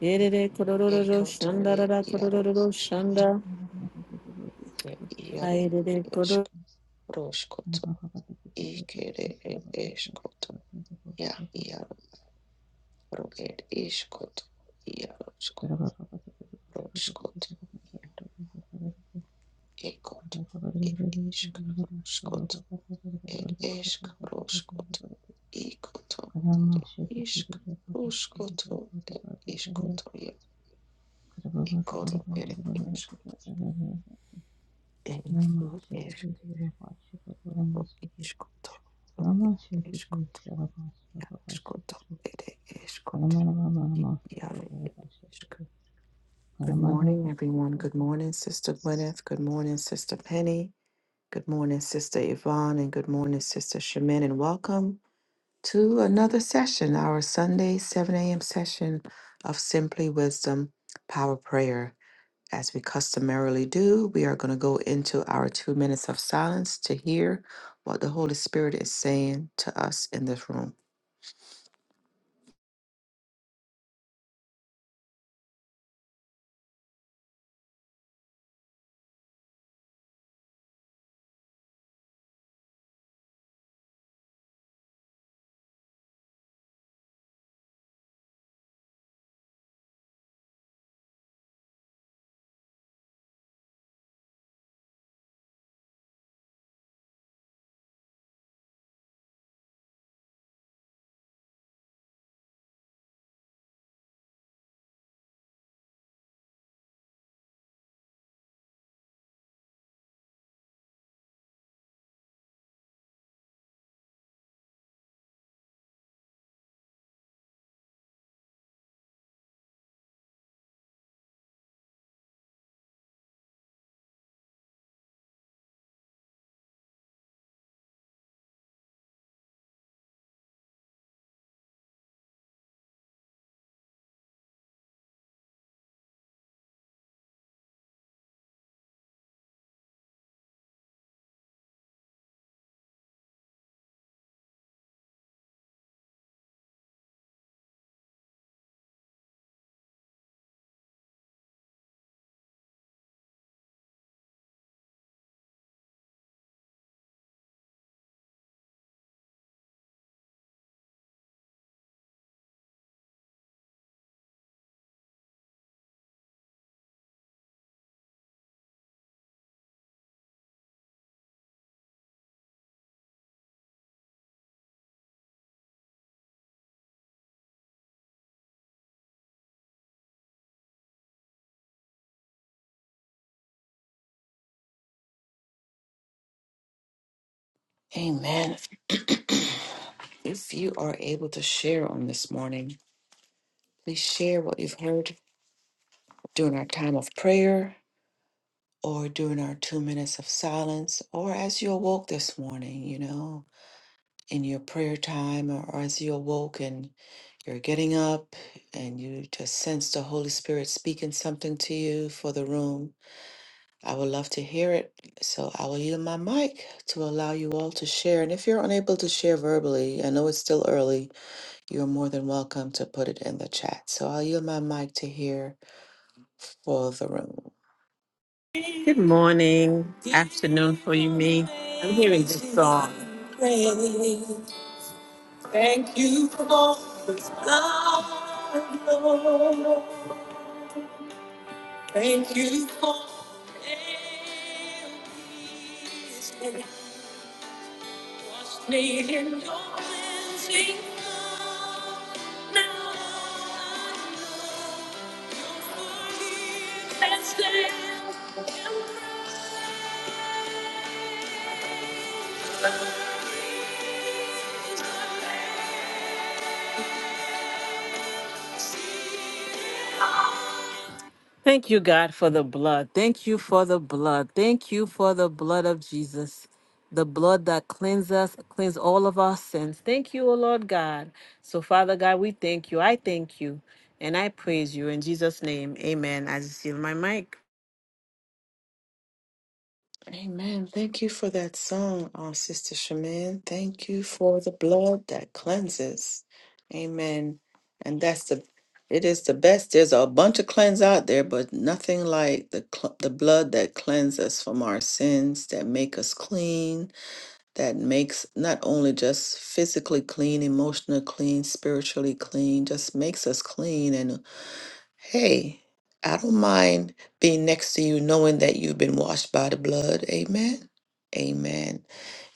Speaker 1: Yerere kororo
Speaker 2: ekoto
Speaker 1: şanda
Speaker 2: ye
Speaker 1: rara
Speaker 2: yaro
Speaker 1: kororo
Speaker 2: ishkoto,
Speaker 1: şanda.
Speaker 2: ye yaro
Speaker 1: Hayrere
Speaker 2: et
Speaker 1: kororo.
Speaker 2: ishk, roshkoto, ikere et ishkoto, ya yaro, ro et ishkoto, yaro shko, roshkoto,
Speaker 3: you.
Speaker 2: ekoto,
Speaker 3: Good
Speaker 2: et
Speaker 3: morning,
Speaker 2: ishk, roshkoto, et ishk, roshkoto, ikoto. Ishk ruskoto e iskoto ye ikoto ere ish enfu eskro iskoto no iskoto iskoto ere iskoto yare ishk. Good morning, everyone. Good morning, Sister Gwyneth. Good morning, Sister Penny. Good morning, Sister Yvonne, and good morning, Sister Shemin, and welcome to another session, our Sunday 7 a.m. session of Simply Wisdom Power Prayer. As we customarily do, we are going to go into our two minutes of silence to hear what the Holy Spirit is saying to us in this room. Amen. If you are able to share on this morning, please share what you've heard during our time of prayer or during our two minutes of silence or as you awoke this morning, you know, in your prayer time or as you awoke and you're getting up and you just sense the Holy Spirit speaking something to you for the room I would love to hear it. So I will yield my mic to allow you all to share. And if you're unable to share verbally, I know it's still early, you're more than welcome to put it in the chat. So I'll yield my mic to hear for the room.
Speaker 1: Good morning, afternoon for you, me. I'm hearing this song. Thank you for all the love, Lord. Thank you for everything. Trust me in your cleansing love. Now I believe and stand in mercy. Thank you, God, for the blood. Thank you for the blood. Thank you for the blood of Jesus, the blood that cleanses us, cleanse all of our sins. Thank you, O Lord God. So, Father God, we thank you. I thank you and I praise you in Jesus' name. Amen. I just seal my mic.
Speaker 2: Amen. Thank you for that song, uh, Sister Shamin. Thank you for the blood that cleanses. Amen. And that's the, it is the best. There's a bunch of cleanse out there, but nothing like the cl- the blood that cleanses us from our sins, that make us clean, that makes not only just physically clean, emotionally clean, spiritually clean, just makes us clean. and. Hey, I don't mind being next to you knowing that you've been washed by the blood. Amen. Amen.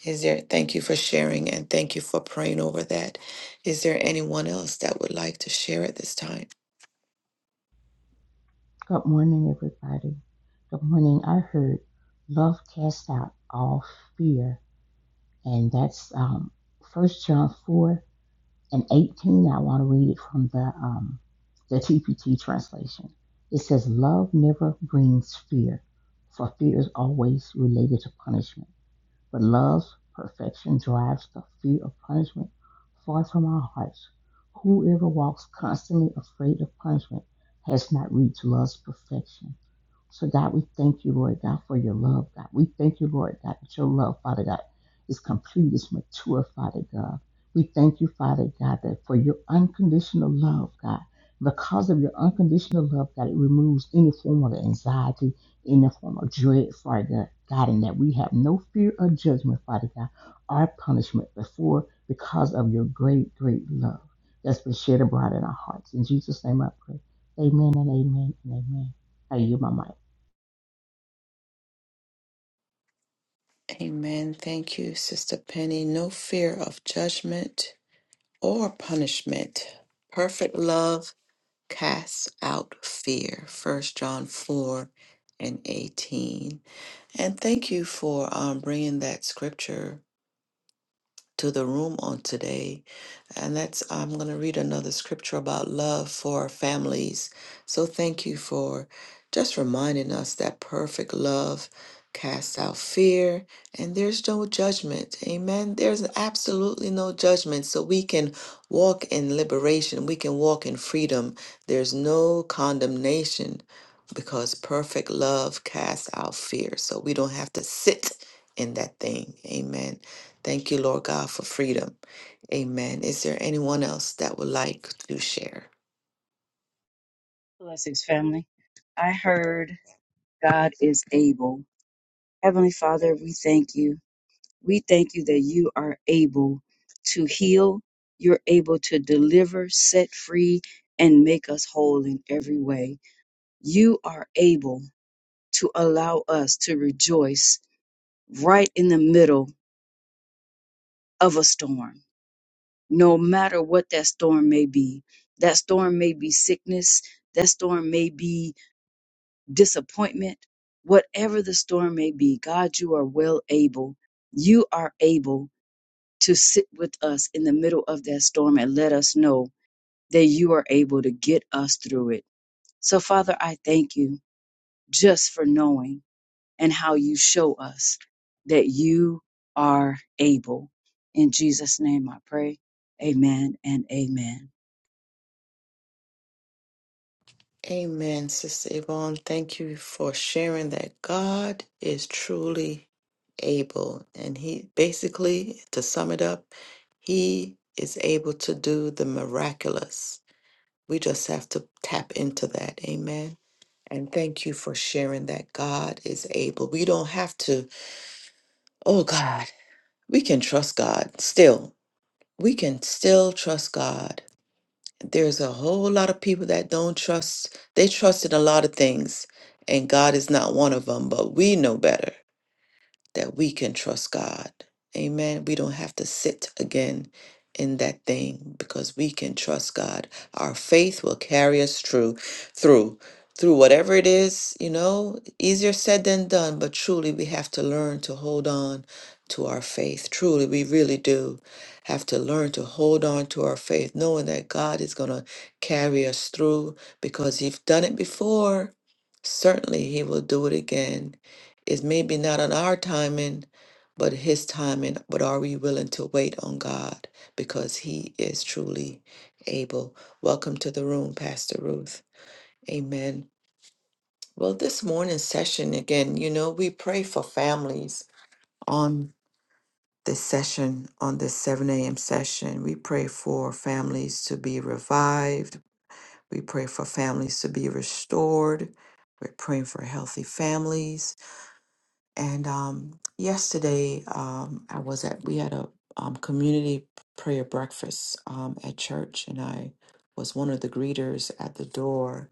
Speaker 2: Is there thank you for sharing and thank you for praying over that. Is there anyone else that would like to share at this time?
Speaker 3: everybody. Good morning. I heard love casts out all fear. and that's um, 1 John 4 and 18. I want to read it from the, um, the TPT translation. It says, Love never brings fear, for fear is always related to punishment. But love's perfection drives the fear of punishment far from our hearts. Whoever walks constantly afraid of punishment has not reached love's perfection. So, God, we thank you, Lord God, for your love, God. We thank you, Lord God, that your love, Father God, is complete, is mature, Father God. We thank you, Father God, that for your unconditional love, God. Because of your unconditional love, God, it removes any form of anxiety, any form of dread, Father God, God, and that we have no fear of judgment, Father God, our punishment before because of your great, great love that's been shed abroad in our hearts. In Jesus' name I pray. Amen and amen and amen. I yield my mic.
Speaker 2: Amen. Thank you, Sister Penny. No fear of judgment or punishment. Perfect love Cast out fear. First John 4 and 18. And thank you for um, bringing that scripture to the room on today. And that's, I'm going to read another scripture about love for our families. So thank you for just reminding us that perfect love casts out fear and there's no judgment. Amen. There's absolutely no judgment. So we can walk in liberation, we can walk in freedom. There's no condemnation because perfect love casts out fear. So we don't have to sit in that thing. Amen. Thank you, Lord God, for freedom. Amen. Is there anyone else that would like to share?
Speaker 4: Blessings, family. I heard God is able. Heavenly Father, we thank you. We thank you that you are able to heal, you're able to deliver, set free, and make us whole in every way. You are able to allow us to rejoice right in the middle of a storm, no matter what that storm may be. That storm may be sickness, that storm may be disappointment, whatever the storm may be, God, you are well able. You are able to sit with us in the middle of that storm and let us know that you are able to get us through it. So, Father, I thank you just for knowing and how you show us that you are able. In Jesus' name I pray. Amen and amen.
Speaker 2: Amen, Sister Yvonne. Thank you for sharing that God is truly able. And He basically, to sum it up, He is able to do the miraculous. We just have to tap into that. Amen. And thank you for sharing that God is able. We don't have to, oh God, we can trust God still. We can still trust God there's a whole lot of people that don't trust they trust in a lot of things and god is not one of them but we know better that we can trust God. Amen. We don't have to sit again in that thing because we can trust God. Our faith will carry us through through through whatever it is, you know, easier said than done, but truly we have to learn to hold on to our faith. Truly, we really do have to learn to hold on to our faith, knowing that God is going to carry us through because he's done it before. Certainly, he will do it again it's maybe not on our timing, but His timing. But are we willing to wait on God? Because He is truly able. Welcome to the room, Pastor Ruth. Amen. Well, this morning's session, again, you know, we pray for families on this session, on this 7 a.m. session. We pray for families to be revived. We pray for families to be restored. We're praying for healthy families. And um, yesterday, um, I was at we had a um, community prayer breakfast um, at church, and I was one of the greeters at the door.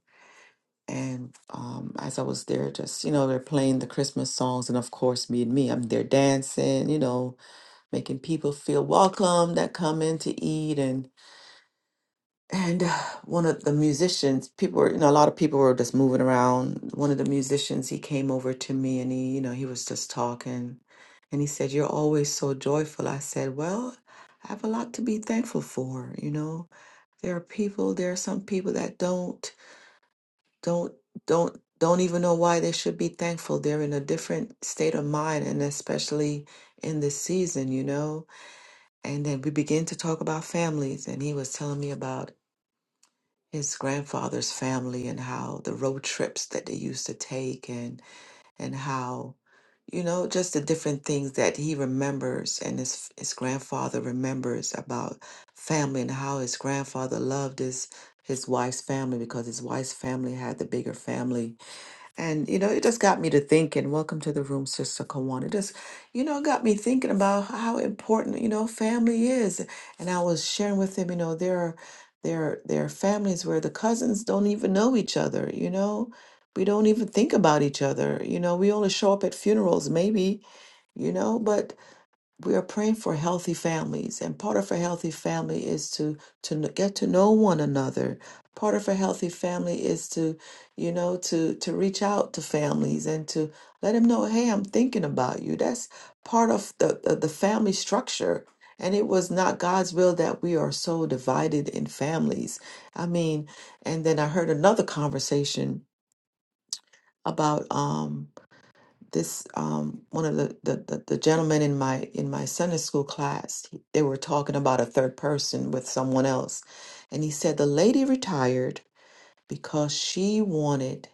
Speaker 2: And um, as I was there, just you know, they're playing the Christmas songs, and of course, me and me, I'm there dancing, you know, making people feel welcome that come in to eat, and and uh, one of the musicians people were you know a lot of people were just moving around one of the musicians he came over to me and he you know he was just talking and he said you're always so joyful i said well i have a lot to be thankful for you know there are people there are some people that don't don't don't don't even know why they should be thankful they're in a different state of mind and especially in this season you know and then we begin to talk about families and he was telling me about his grandfather's family and how the road trips that they used to take and and how you know just the different things that he remembers and his his grandfather remembers about family and how his grandfather loved his his wife's family because his wife's family had the bigger family and, you know, it just got me to thinking. Welcome to the room, Sister Kawan. It just, you know, got me thinking about how important, you know, family is. And I was sharing with him, you know, there are there there are families where the cousins don't even know each other, you know. We don't even think about each other. You know, we only show up at funerals, maybe, you know, but we are praying for healthy families and part of a healthy family is to to kn- get to know one another part of a healthy family is to you know to to reach out to families and to let them know hey i'm thinking about you that's part of the the, the family structure and it was not god's will that we are so divided in families i mean and then i heard another conversation about um this um, one of the, the the the gentlemen in my in my Sunday school class he- they were talking about a third person with someone else and he said the lady retired because she wanted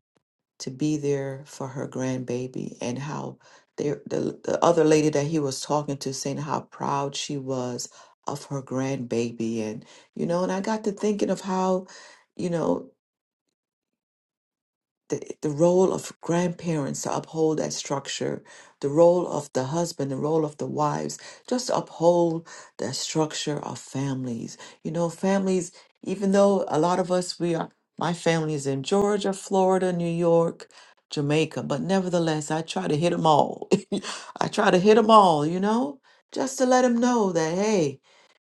Speaker 2: to be there for her grandbaby and how there the, the other lady that he was talking to saying how proud she was of her grandbaby and you know and I got to thinking of how you know the, the role of grandparents to uphold that structure, the role of the husband, the role of the wives, just to uphold the structure of families. You know, families, even though a lot of us, we are, my family is in Georgia, Florida, New York, Jamaica, but nevertheless, I try to hit them all. I try to hit them all, you know, just to let them know that, hey,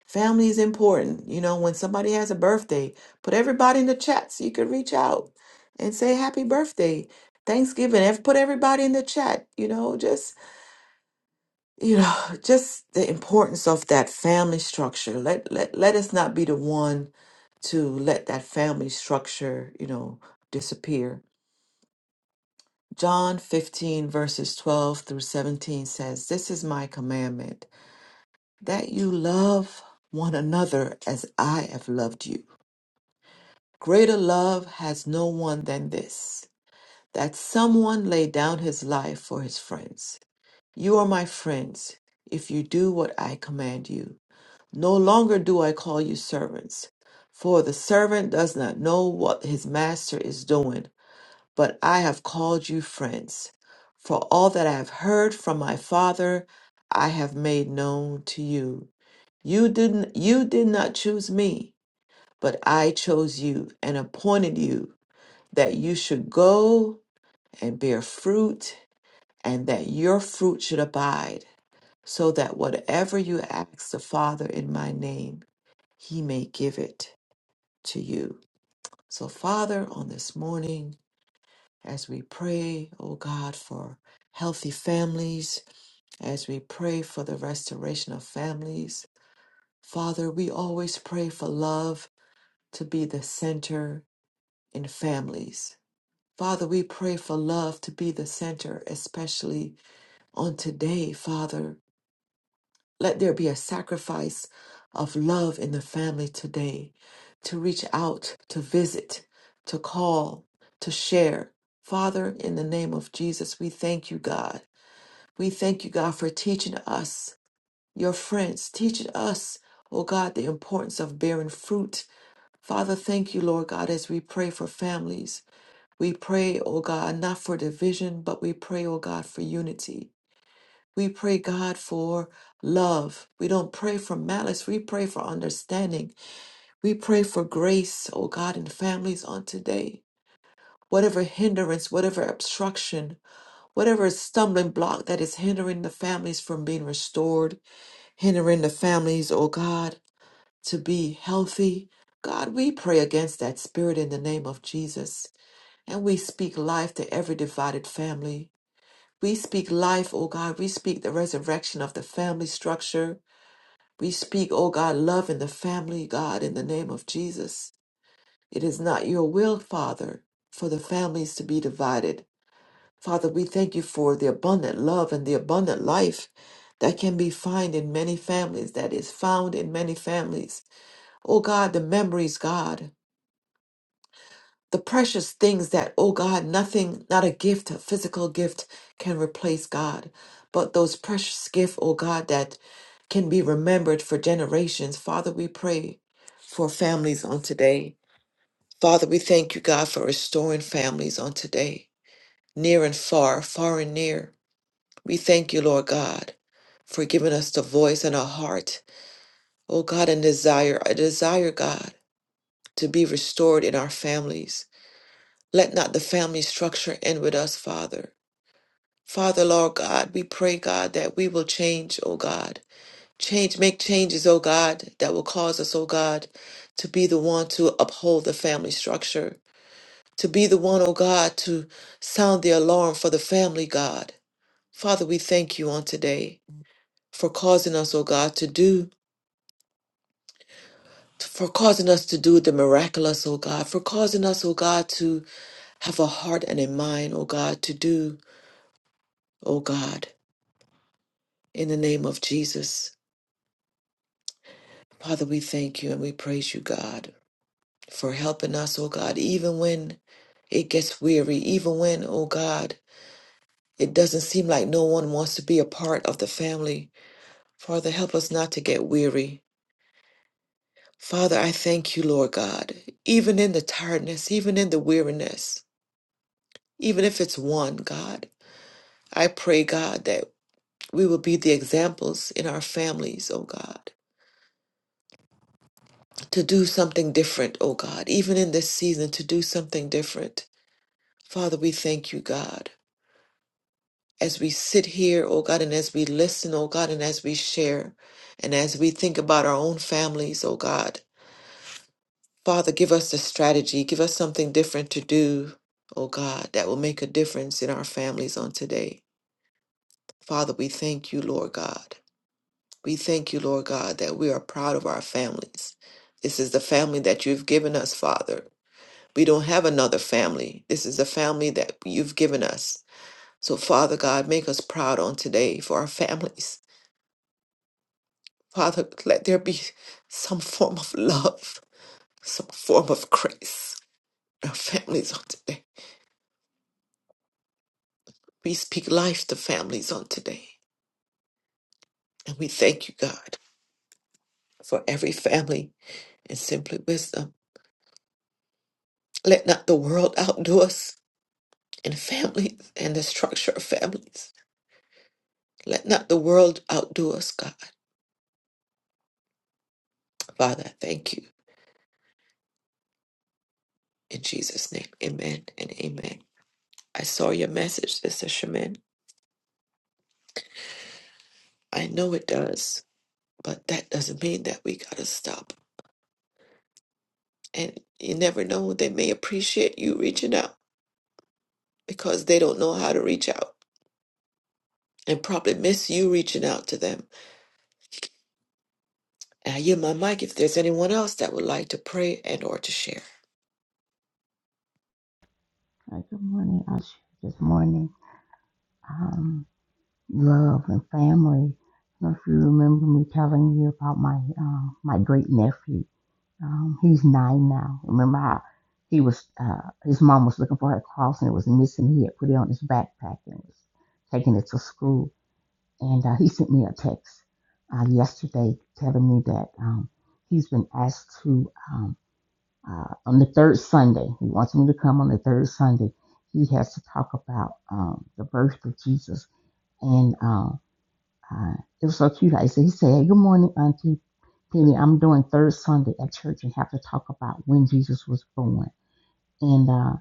Speaker 2: Family is important. You know, when somebody has a birthday, put everybody in the chat so you can reach out and say happy birthday. Thanksgiving, ev- put everybody in the chat, you know, just you know, just the importance of that family structure. Let let let us not be the one to let that family structure, you know, disappear. John 15 verses 12 through 17 says, "This is my commandment, that you love one another as I have loved you." Greater love has no one than this, that someone lay down his life for his friends. You are my friends if you do what I command you. No longer do I call you servants, for the servant does not know what his master is doing, but I have called you friends. For all that I have heard from my Father, I have made known to you. You didn't you did not choose me, but I chose you and appointed you that you should go and bear fruit, and that your fruit should abide, so that whatever you ask the Father in my name, he may give it to you. So, Father, on this morning, as we pray, oh God, for healthy families, as we pray for the restoration of families, Father, we always pray for love to be the center in families. Father, we pray for love to be the center, especially on today, Father. Let there be a sacrifice of love in the family today to reach out, to visit, to call, to share. Father, in the name of Jesus, we thank you, God. We thank you, God, for teaching us, your friends, teaching us, oh God, the importance of bearing fruit. Father, thank you, Lord God, as we pray for families. We pray, oh God, not for division, but we pray, oh God, for unity. We pray, God, for love. We don't pray for malice. We pray for understanding. We pray for grace, oh God, in families on today. Whatever hindrance, whatever obstruction, whatever stumbling block that is hindering the families from being restored, hindering the families, oh God, to be healthy. God, we pray against that spirit in the name of Jesus. And we speak life to every divided family. We speak life, oh God. We speak the resurrection of the family structure. We speak, oh God, love in the family, God, in the name of Jesus. It is not your will, Father, for the families to be divided. Father, we thank you for the abundant love and the abundant life that can be found in many families, that is found in many families. Oh God, the memories, God. the precious things that, oh God, nothing, not a gift, a physical gift can replace God, but those precious gifts, oh God, that can be remembered for generations. Father, we pray for families on today. Father, we thank you, God, for restoring families on today, near and far, far and near. We thank you, Lord God, for giving us the voice and a heart, oh God, and desire, a desire, God, to be restored in our families. Let not the family structure end with us, Father. Father, Lord God, we pray, God, that we will change, oh God. Change, make changes, oh God, that will cause us, oh God, to be the one to uphold the family structure, to be the one, oh God, to sound the alarm for the family, God. Father, we thank you on today for causing us, oh God, to do, for causing us to do the miraculous, oh God, for causing us, oh God, to have a heart and a mind, oh God, to do, oh God. In the name of Jesus, Father, we thank you and we praise you, God, for helping us, oh God, even when it gets weary, even when, oh God, it doesn't seem like no one wants to be a part of the family. Father, help us not to get weary. Father, I thank you, Lord God, even in the tiredness, even in the weariness, even if it's one, God. I pray, God, that we will be the examples in our families, oh God to do something different, oh God, even in this season, to do something different. Father, we thank you, God. As we sit here, oh God, and as we listen, oh God, and as we share, and as we think about our own families, oh God, Father, give us the strategy, give us something different to do, oh God, that will make a difference in our families on today. Father, we thank you, Lord God. We thank you, Lord God, that we are proud of our families. This is the family that you've given us, Father. We don't have another family. This is the family that you've given us. So, Father God, make us proud on today for our families. Father, let there be some form of love, some form of grace. in Our families on today. We speak life to families on today. And we thank you, God, for every family and simply wisdom. Let not the world outdo us in families and the structure of families. Let not the world outdo us, God. Father, I thank you. In Jesus' name, amen and amen. I saw your message, Sister Shaman. I know it does, but that doesn't mean that we gotta stop. And you never know, they may appreciate you reaching out because they don't know how to reach out and probably miss you reaching out to them. And I yield my mic if there's anyone else that would like to pray and or to share.
Speaker 3: Uh, Good morning. I was this morning. Um, love and family. I don't know if you remember me telling you about my uh, my great nephew. Um, he's nine now. Remember how he was? Uh, his mom was looking for a cross and it was missing. He had put it on his backpack and was taking it to school. And uh, he sent me a text uh, yesterday telling me that um, he's been asked to. um, uh, on the third Sunday. He wants me to come on the third Sunday. He has to talk about um, the birth of Jesus. And uh, uh, it was so cute. I said, he said, hey, good morning, Auntie Penny. I'm doing third Sunday at church and have to talk about when Jesus was born. And uh,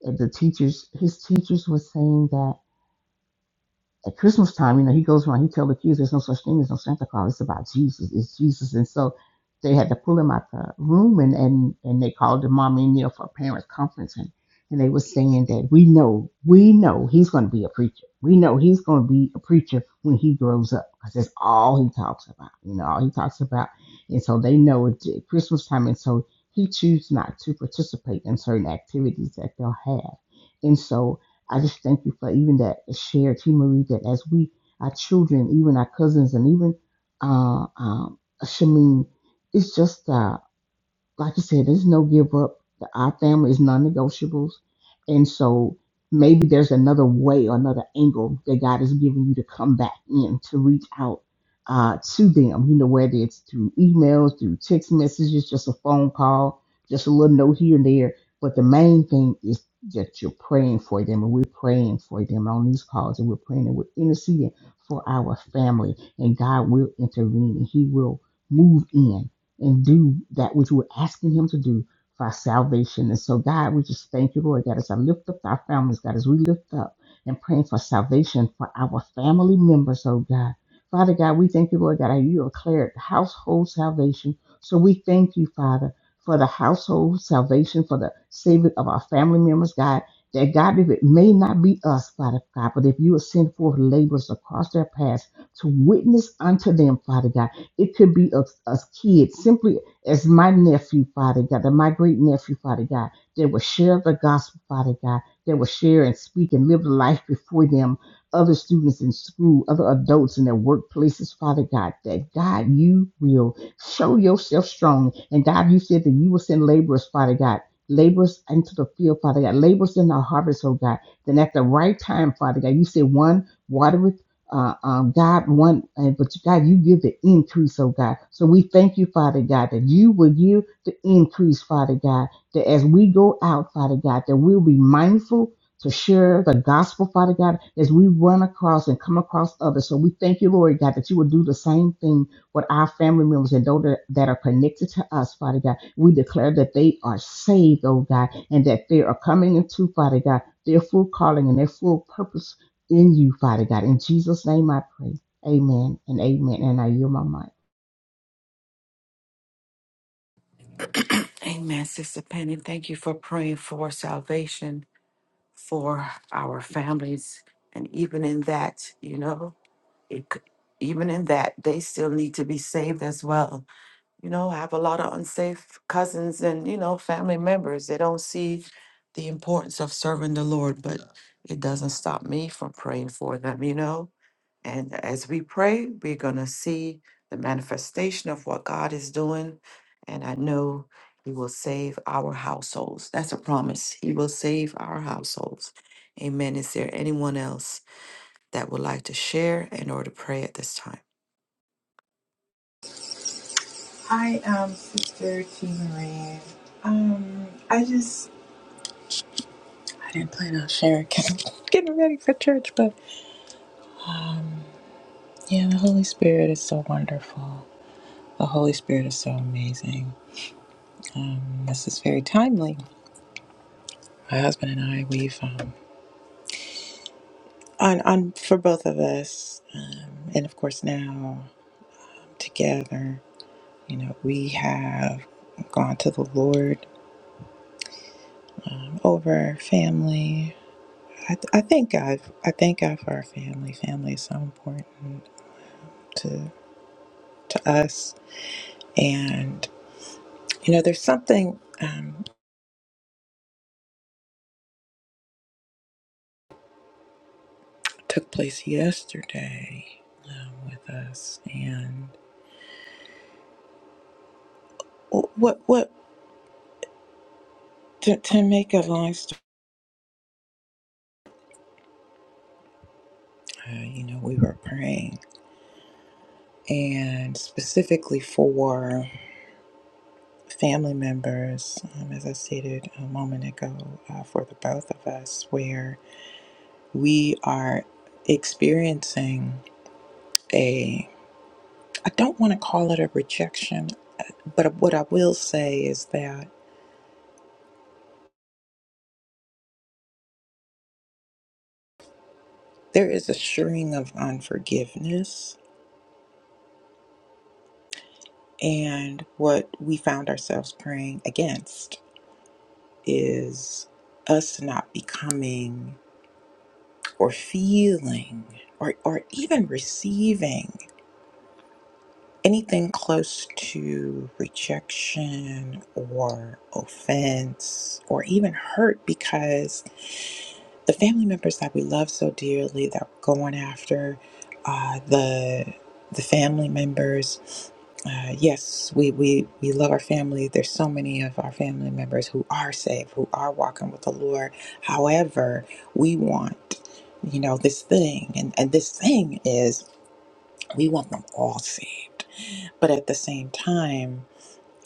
Speaker 3: the teachers, his teachers were saying that at Christmas time, you know, he goes around, he tells the kids there's no such thing as no Santa Claus. It's about Jesus. It's Jesus. And so they had to pull him out the room and and, and they called the mommy and there for a parents conference and, and they were saying that we know, we know he's gonna be a preacher. We know he's gonna be a preacher when he grows up because that's all he talks about. You know, all he talks about. And so they know it's Christmas time and so he chooses not to participate in certain activities that they'll have. And so I just thank you for even that shared T Marie that as we our children, even our cousins and even uh um Shamin, it's just uh like I said, there's no give up. Our family is non negotiables. And so maybe there's another way or another angle that God is giving you to come back in to reach out uh, to them, you know, whether it's through emails, through text messages, just a phone call, just a little note here and there. But the main thing is that you're praying for them, and we're praying for them on these calls, and we're praying and we're interceding for our family. And God will intervene and He will move in and do that which we're asking Him to do for our salvation. And so, God, we just thank you, Lord, God, as I lift up our families, God, as we lift up and praying for salvation for our family members, oh God. Father God, we thank you, Lord, God, that you declared household salvation. So we thank you, Father, for the household salvation, for the saving of our family members, God. That God, if it may not be us, Father God, but if you will send forth laborers across their paths to witness unto them, Father God. It could be of us kids, simply as my nephew, Father God, that my great nephew, Father God, that will share the gospel, Father God, that will share and speak and live the life before them, other students in school, other adults in their workplaces, Father God, that God, you will show yourself strong. And God, you said that you will send laborers, Father God. Laborers into the field, Father God, laborers in the harvest, oh God. Then at the right time, Father God, you said one water uh, um, God want, uh, but God, you give the increase, oh God. So we thank you, Father God, that you will give the increase, Father God, that as we go out, Father God, that we'll be mindful to share the gospel, Father God, as we run across and come across others. So we thank you, Lord God, that you will do the same thing with our family members and those that that are connected to us, Father God. We declare that they are saved, oh God, and that they are coming into, Father God, their full calling and their full purpose in you, Father God. In Jesus' name I pray. Amen and amen. And I yield my mind.
Speaker 2: Amen, Sister Penny. Thank you for praying for salvation for our families. And even in that, you know, it, could- even in that, they still need to be saved as well. You know, I have a lot of unsafe cousins and, you know, family members. They don't see the importance of serving the Lord, but it doesn't stop me from praying for them, you know? And as we pray, we're going to see the manifestation of what God is doing. And I know He will save our households. That's a promise. He will save our households. Amen. Is there anyone else? that would like to share and or to pray at this time?
Speaker 5: I am Sister T. Marie. Um, I just I didn't plan on sharing. Getting ready for church, but yeah, the Holy Spirit is so wonderful. The Holy Spirit is so amazing. Um, this is very timely. My husband and I, we've um, on on for both of us, um, and of course now together. You know, we have gone to the Lord over family. I, I thank God. I thank God for our family. Family is so important to to us. And you know, there's something um, took place yesterday um, with us, and what what to, to make a long story. Uh, you know, we were praying, and specifically for family members, um, as I stated a moment ago, uh, for the both of us, where we are experiencing a. I don't want to call it a rejection, uh, but what I will say is that there is a string of unforgiveness, and what we found ourselves praying against is us not becoming or feeling or, or even receiving anything close to rejection or offense or even hurt because the family members that we love so dearly that we're going after, uh, the the family members. Uh, yes, we, we, we love our family. There's so many of our family members who are saved, who are walking with the Lord. However, we want, you know, this thing, and, and this thing is we want them all saved. But at the same time,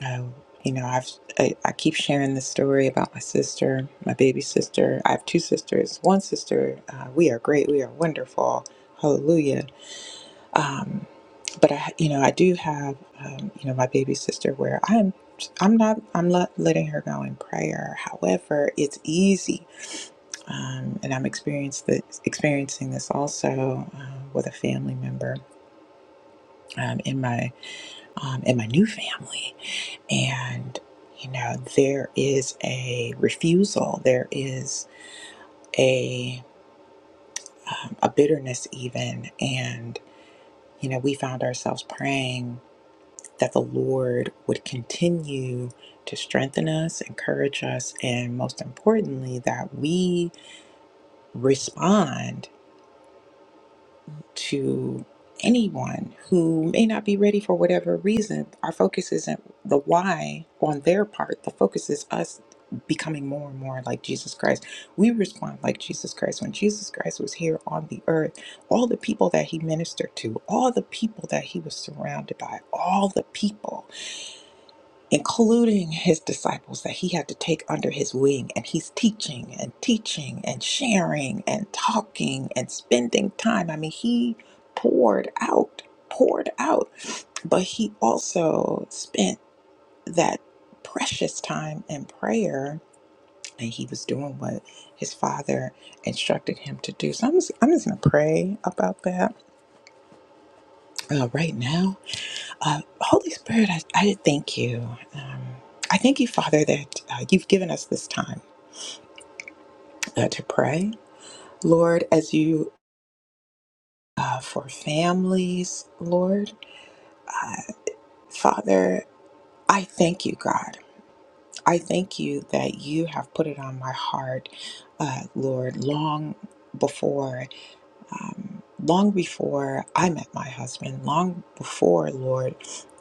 Speaker 5: um, you know, I've I, I keep sharing this story about my sister, my baby sister. I have two sisters. One sister, uh, we are great. We are wonderful. Hallelujah. Um, but I, you know, I do have, um, you know, my baby sister where I'm. I'm not. I'm not letting her go in prayer. However, it's easy, um, and I'm experienced this, experiencing this also uh, with a family member um, in my um, in my new family And, you know, there is a refusal, there is a, um, a bitterness, even. And, you know, we found ourselves praying that the Lord would continue to strengthen us, encourage us, and most importantly, that we respond to anyone who may not be ready for whatever reason. Our focus isn't the why on their part, the focus is us becoming more and more like Jesus Christ. We respond like Jesus Christ. When Jesus Christ was here on the earth, all the people that he ministered to, all the people that he was surrounded by, all the people including his disciples that he had to take under his wing. And he's teaching and teaching and sharing and talking and spending time. I mean, he poured out, poured out, but he also spent that precious time in prayer and he was doing what his father instructed him to do. So I'm just, I'm just going to pray about that uh, right now uh, Holy Spirit, I, I thank you. Um, I thank you, Father, that uh, you've given us this time uh, to pray. Lord, as you uh, for families, Lord, Father, I thank you, God. I thank you that you have put it on my heart, uh, Lord, long before. long before I met my husband, long before, Lord,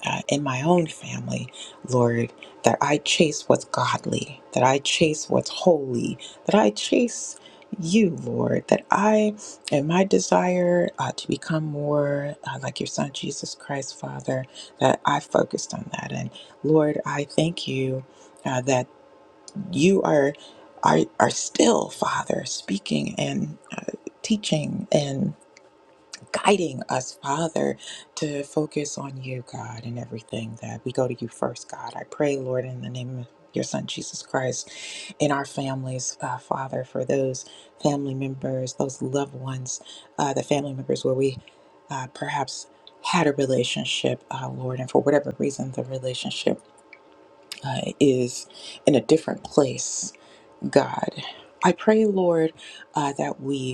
Speaker 5: uh, in my own family, Lord, that I chase what's godly, that I chase what's holy, that I chase you, Lord, that I and my desire uh, to become more uh, like your son, Jesus Christ, Father, that I focused on that. And Lord, I thank you uh, that you are, are, are still, Father, speaking and uh, teaching and guiding us, Father, to focus on you, God, and everything that we go to you first, God. I pray, Lord, in the name of your son Jesus Christ, in our families, uh, Father, for those family members, those loved ones, uh, the family members where we uh, perhaps had a relationship, uh, Lord, and for whatever reason the relationship uh, is in a different place, God. I pray, Lord, uh, that we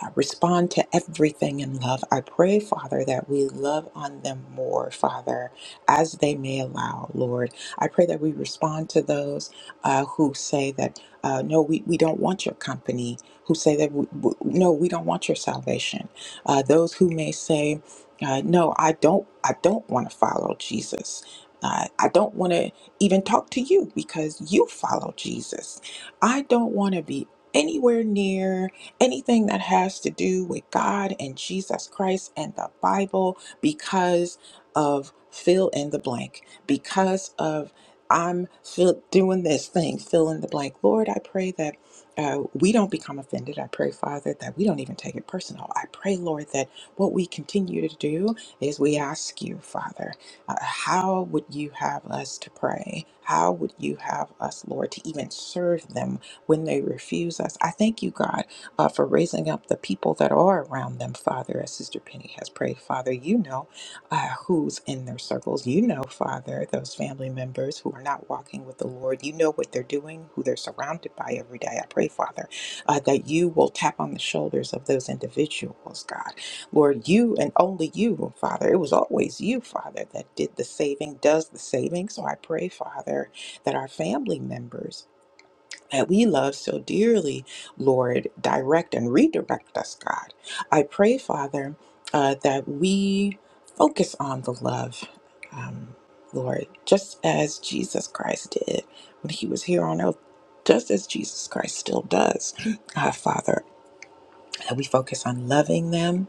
Speaker 5: uh, respond to everything in love. I pray, Father, that we love on them more, Father, as they may allow, Lord. I pray that we respond to those uh, who say that, uh, no, we, we don't want your company, who say that, we, we- no, we don't want your salvation. Uh, those who may say, uh, no, I don't, I don't want to follow Jesus. Uh, I don't want to even talk to you because you follow Jesus. I don't want to be anywhere near anything that has to do with God and Jesus Christ and the Bible because of fill in the blank, because of I'm fill, doing this thing, fill in the blank. Lord, I pray that uh, we don't become offended. I pray, Father, that we don't even take it personal. I pray, Lord, that what we continue to do is we ask you, Father, uh, how would you have us to pray? How would you have us, Lord, to even serve them when they refuse us? I thank you, God uh, for raising up the people that are around them, Father, as Sister Penny has prayed. Father, you know uh, who's in their circles. You know, Father, those family members who are not walking with the Lord. You know what they're doing, who they're surrounded by every day. I pray, Father, uh, that you will tap on the shoulders of those individuals, God. Lord, you and only you, Father. It was always you, Father, that did the saving, does the saving. So I pray, Father, that our family members that we love so dearly, Lord, direct and redirect us, God. I pray, Father, uh, that we focus on the love, um, Lord, just as Jesus Christ did when he was here on earth, just as Jesus Christ still does, uh, Father that we focus on loving them,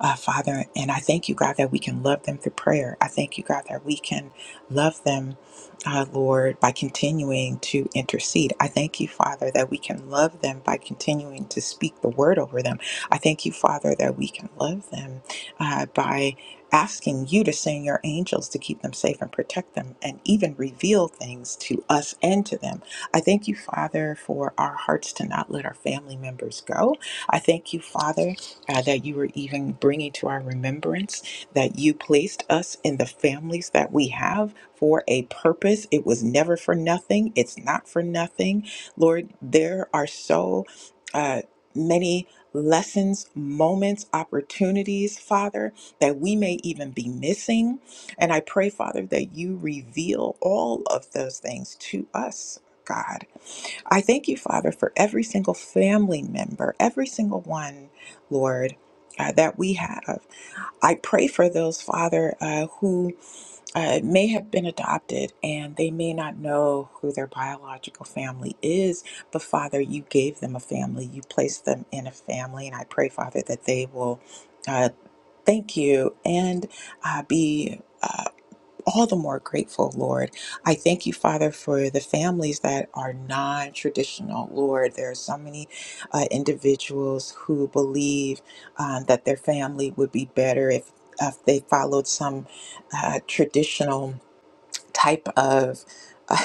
Speaker 5: uh, Father. And I thank you, God, that we can love them through prayer. I thank you, God, that we can love them, uh, Lord, by continuing to intercede. I thank you, Father, that we can love them by continuing to speak the word over them. I thank you, Father, that we can love them uh, by asking you to send your angels to keep them safe and protect them and even reveal things to us and to them. I thank you, Father, for our hearts to not let our family members go. I thank you, Father, uh, that you were even bringing to our remembrance that you placed us in the families that we have for a purpose. It was never for nothing, it's not for nothing. Lord, there are so uh, many lessons, moments, opportunities, Father, that we may even be missing. And I pray, Father, that you reveal all of those things to us. God. I thank you, Father, for every single family member, every single one, Lord, uh, that we have. I pray for those, Father, uh, who uh, may have been adopted and they may not know who their biological family is, but Father, you gave them a family. You placed them in a family. And I pray, Father, that they will uh, thank you and uh, be. uh, all the more grateful, Lord. I thank you, Father, for the families that are non traditional, Lord. There are so many uh, individuals who believe um, that their family would be better if. If they followed some uh, traditional type of uh,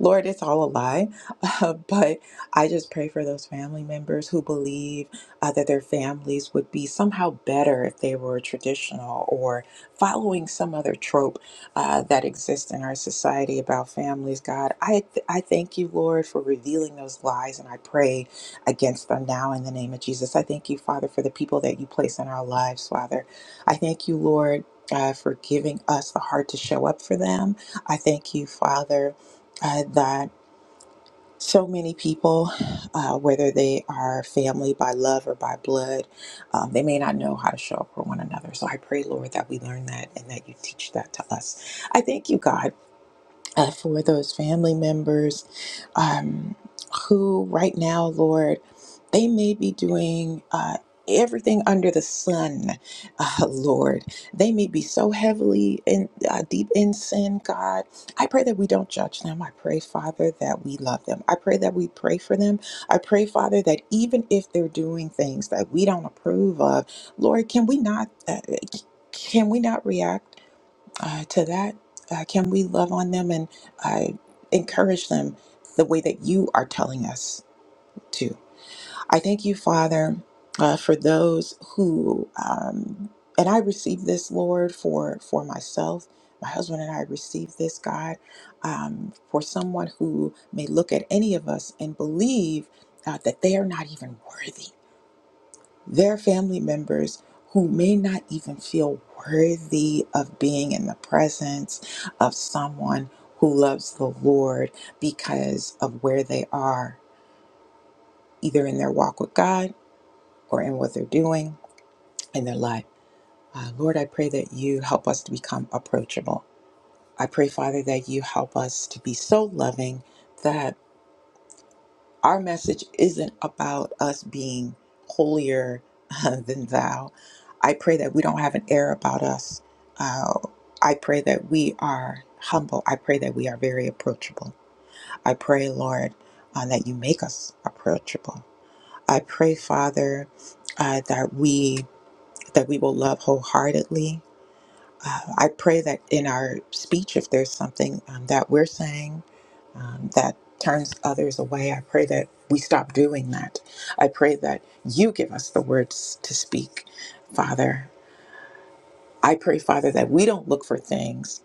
Speaker 5: Lord, it's all a lie, uh, but I just pray for those family members who believe uh, that their families would be somehow better if they were traditional or following some other trope uh, that exists in our society about families. God, I th- I thank you, Lord, for revealing those lies, and I pray against them now in the name of Jesus. I thank you, Father, for the people that you place in our lives, Father. I thank you, Lord. Uh, for giving us the heart to show up for them I thank you, Father, uh, that so many people, uh, whether they are family by love or by blood, um, they may not know how to show up for one another. So I pray, Lord, that we learn that and that you teach that to us. I thank you, God uh, for those family members um, who, right now, Lord, they may be doing. Uh, Everything under the sun, uh, Lord. They may be so heavily in uh, deep in sin, God. I pray that we don't judge them. I pray, Father, that we love them. I pray that we pray for them. I pray, Father, that even if they're doing things that we don't approve of, Lord, can we not uh, can we not react? uh, to that? Uh, can we love on them and uh, encourage them the way that you are telling us to? I thank you, Father, uh, for those who, um, and I received this, Lord, for for myself. My husband and I received this, God, um, for someone who may look at any of us and believe uh, that they are not even worthy their family members who may not even feel worthy of being in the presence of someone who loves the Lord because of where they are, either in their walk with God or in what they're doing in their life. Uh, Lord, I pray that you help us to become approachable. I pray, Father, that you help us to be so loving that Our message isn't about us being holier than thou. I pray that we don't have an air about us. Uh, I pray that we are humble. I pray that we are very approachable. I pray, Lord, uh, that you make us approachable. I pray, Father, uh, that we that we will love wholeheartedly. Uh, I pray that in our speech, if there's something um, that we're saying um, that turns others away. I pray that we stop doing that. I pray that you give us the words to speak, Father. I pray, Father, that we don't look for things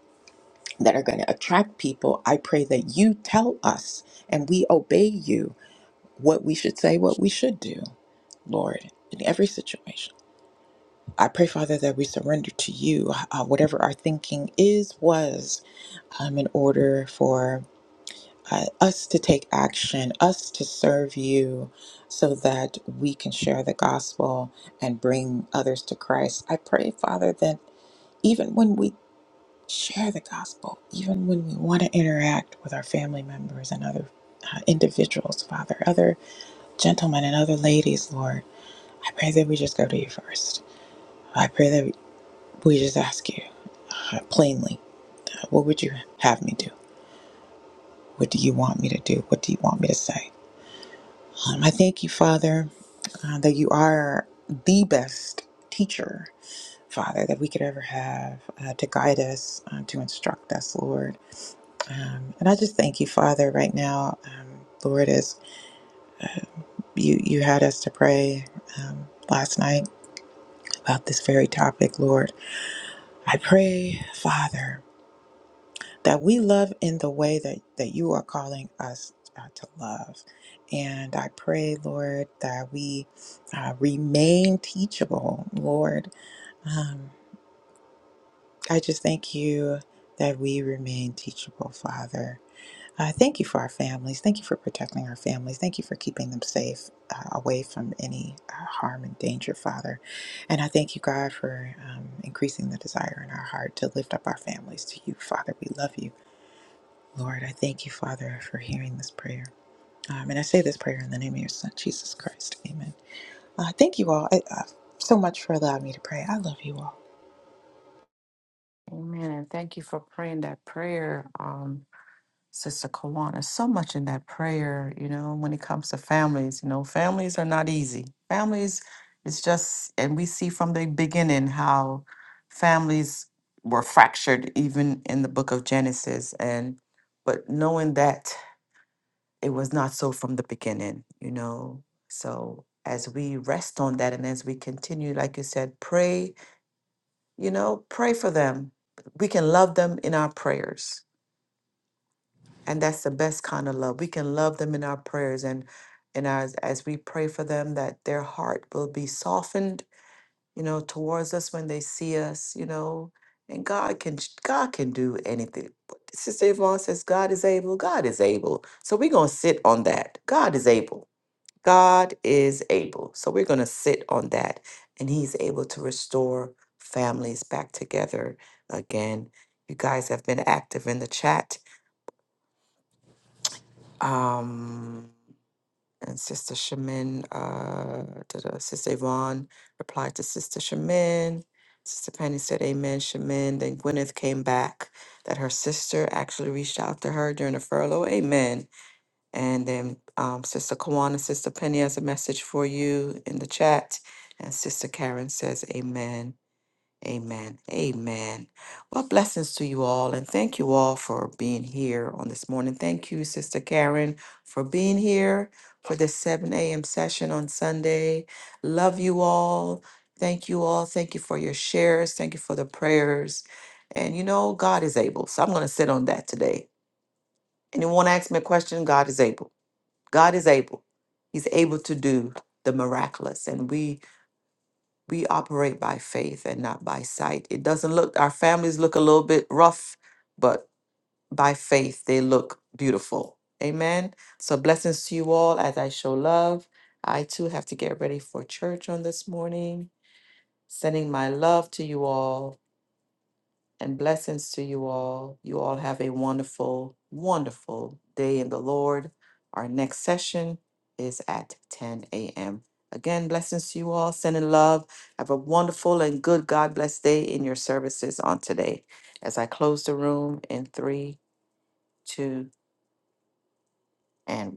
Speaker 5: that are going to attract people. I pray that you tell us and we obey you what we should say, what we should do, Lord, in every situation. I pray, Father, that we surrender to you uh, whatever our thinking is, was, um, in order for uh, us to take action, us to serve you so that we can share the gospel and bring others to Christ. I pray, Father, that even when we share the gospel, even when we want to interact with our family members and other uh, individuals, Father, other gentlemen and other ladies, Lord, I pray that we just go to you first. I pray that we just ask you uh, plainly, what would you have me do? What do you want me to do? What do you want me to say? Um, I thank you, Father, uh, that you are the best teacher, Father, that we could ever have uh, to guide us, uh, to instruct us, Lord. Um, and I just thank you, Father, right now, um, Lord, as you, you had us to pray um, last night about this very topic, Lord. I pray, Father. that we love in the way that, that you are calling us uh, to love. And I pray, Lord, that we uh, remain teachable, Lord. Um, I just thank you that we remain teachable, Father. Uh, thank you for our families. Thank you for protecting our families. Thank you for keeping them safe uh, away from any uh, harm and danger, Father. And I thank you, God, for um, increasing the desire in our heart to lift up our families to you, Father. We love you. Lord, I thank you, Father, for hearing this prayer. Um, and I say this prayer in the name of your Son, Jesus Christ. Amen. Uh, thank you all I, uh, so much for allowing me to pray. I love you all.
Speaker 2: Amen. And thank you for praying that prayer. Um, Sister Kawana, so much in that prayer, you know, when it comes to families, you know, families are not easy. Families, it's just, and we see from the beginning how families were fractured even in the book of Genesis. And, but knowing that it was not so from the beginning, you know, so as we rest on that and as we continue, like you said, pray, you know, pray for them. We can love them in our prayers And that's the best kind of love. We can love them in our prayers and and as as we pray for them that their heart will be softened, you know, towards us when they see us, you know. And God can ch- God can do anything. But Sister Yvonne says God is able. God is able. So we're gonna sit on that. God is able. God is able. So we're gonna sit on that. And He's able to restore families back together again. You guys have been active in the chat. Um And Sister Shamin, uh, da- da- Sister Yvonne replied to Sister Shamin. Sister Penny said, Amen, Shamin. Then Gwyneth came back that her sister actually reached out to her during the furlough. Amen. And then um, Sister Kawana, Sister Penny has a message for you in the chat. And Sister Karen says, Amen. Amen. Amen. Well, blessings to you all, and thank you all for being here on this morning. Thank you, Sister Karen, for being here for this 7 a.m. session on Sunday. Love you all. Thank you all. Thank you for your shares. Thank you for the prayers. And you know, God is able. So I'm going to sit on that today. Anyone ask me a question? God is able. God is able. He's able to do the miraculous. And we we operate by faith and not by sight. It doesn't look, our families look a little bit rough, but by faith they look beautiful. Amen. So, blessings to you all as I show love. I too have to get ready for church on this morning. Sending my love to you all and blessings to you all. You all have a wonderful, wonderful day in the Lord. Our next session is at 10 a.m. Again, blessings to you all. Sending love. Have a wonderful and good God bless day in your services on today. As I close the room in three, two, and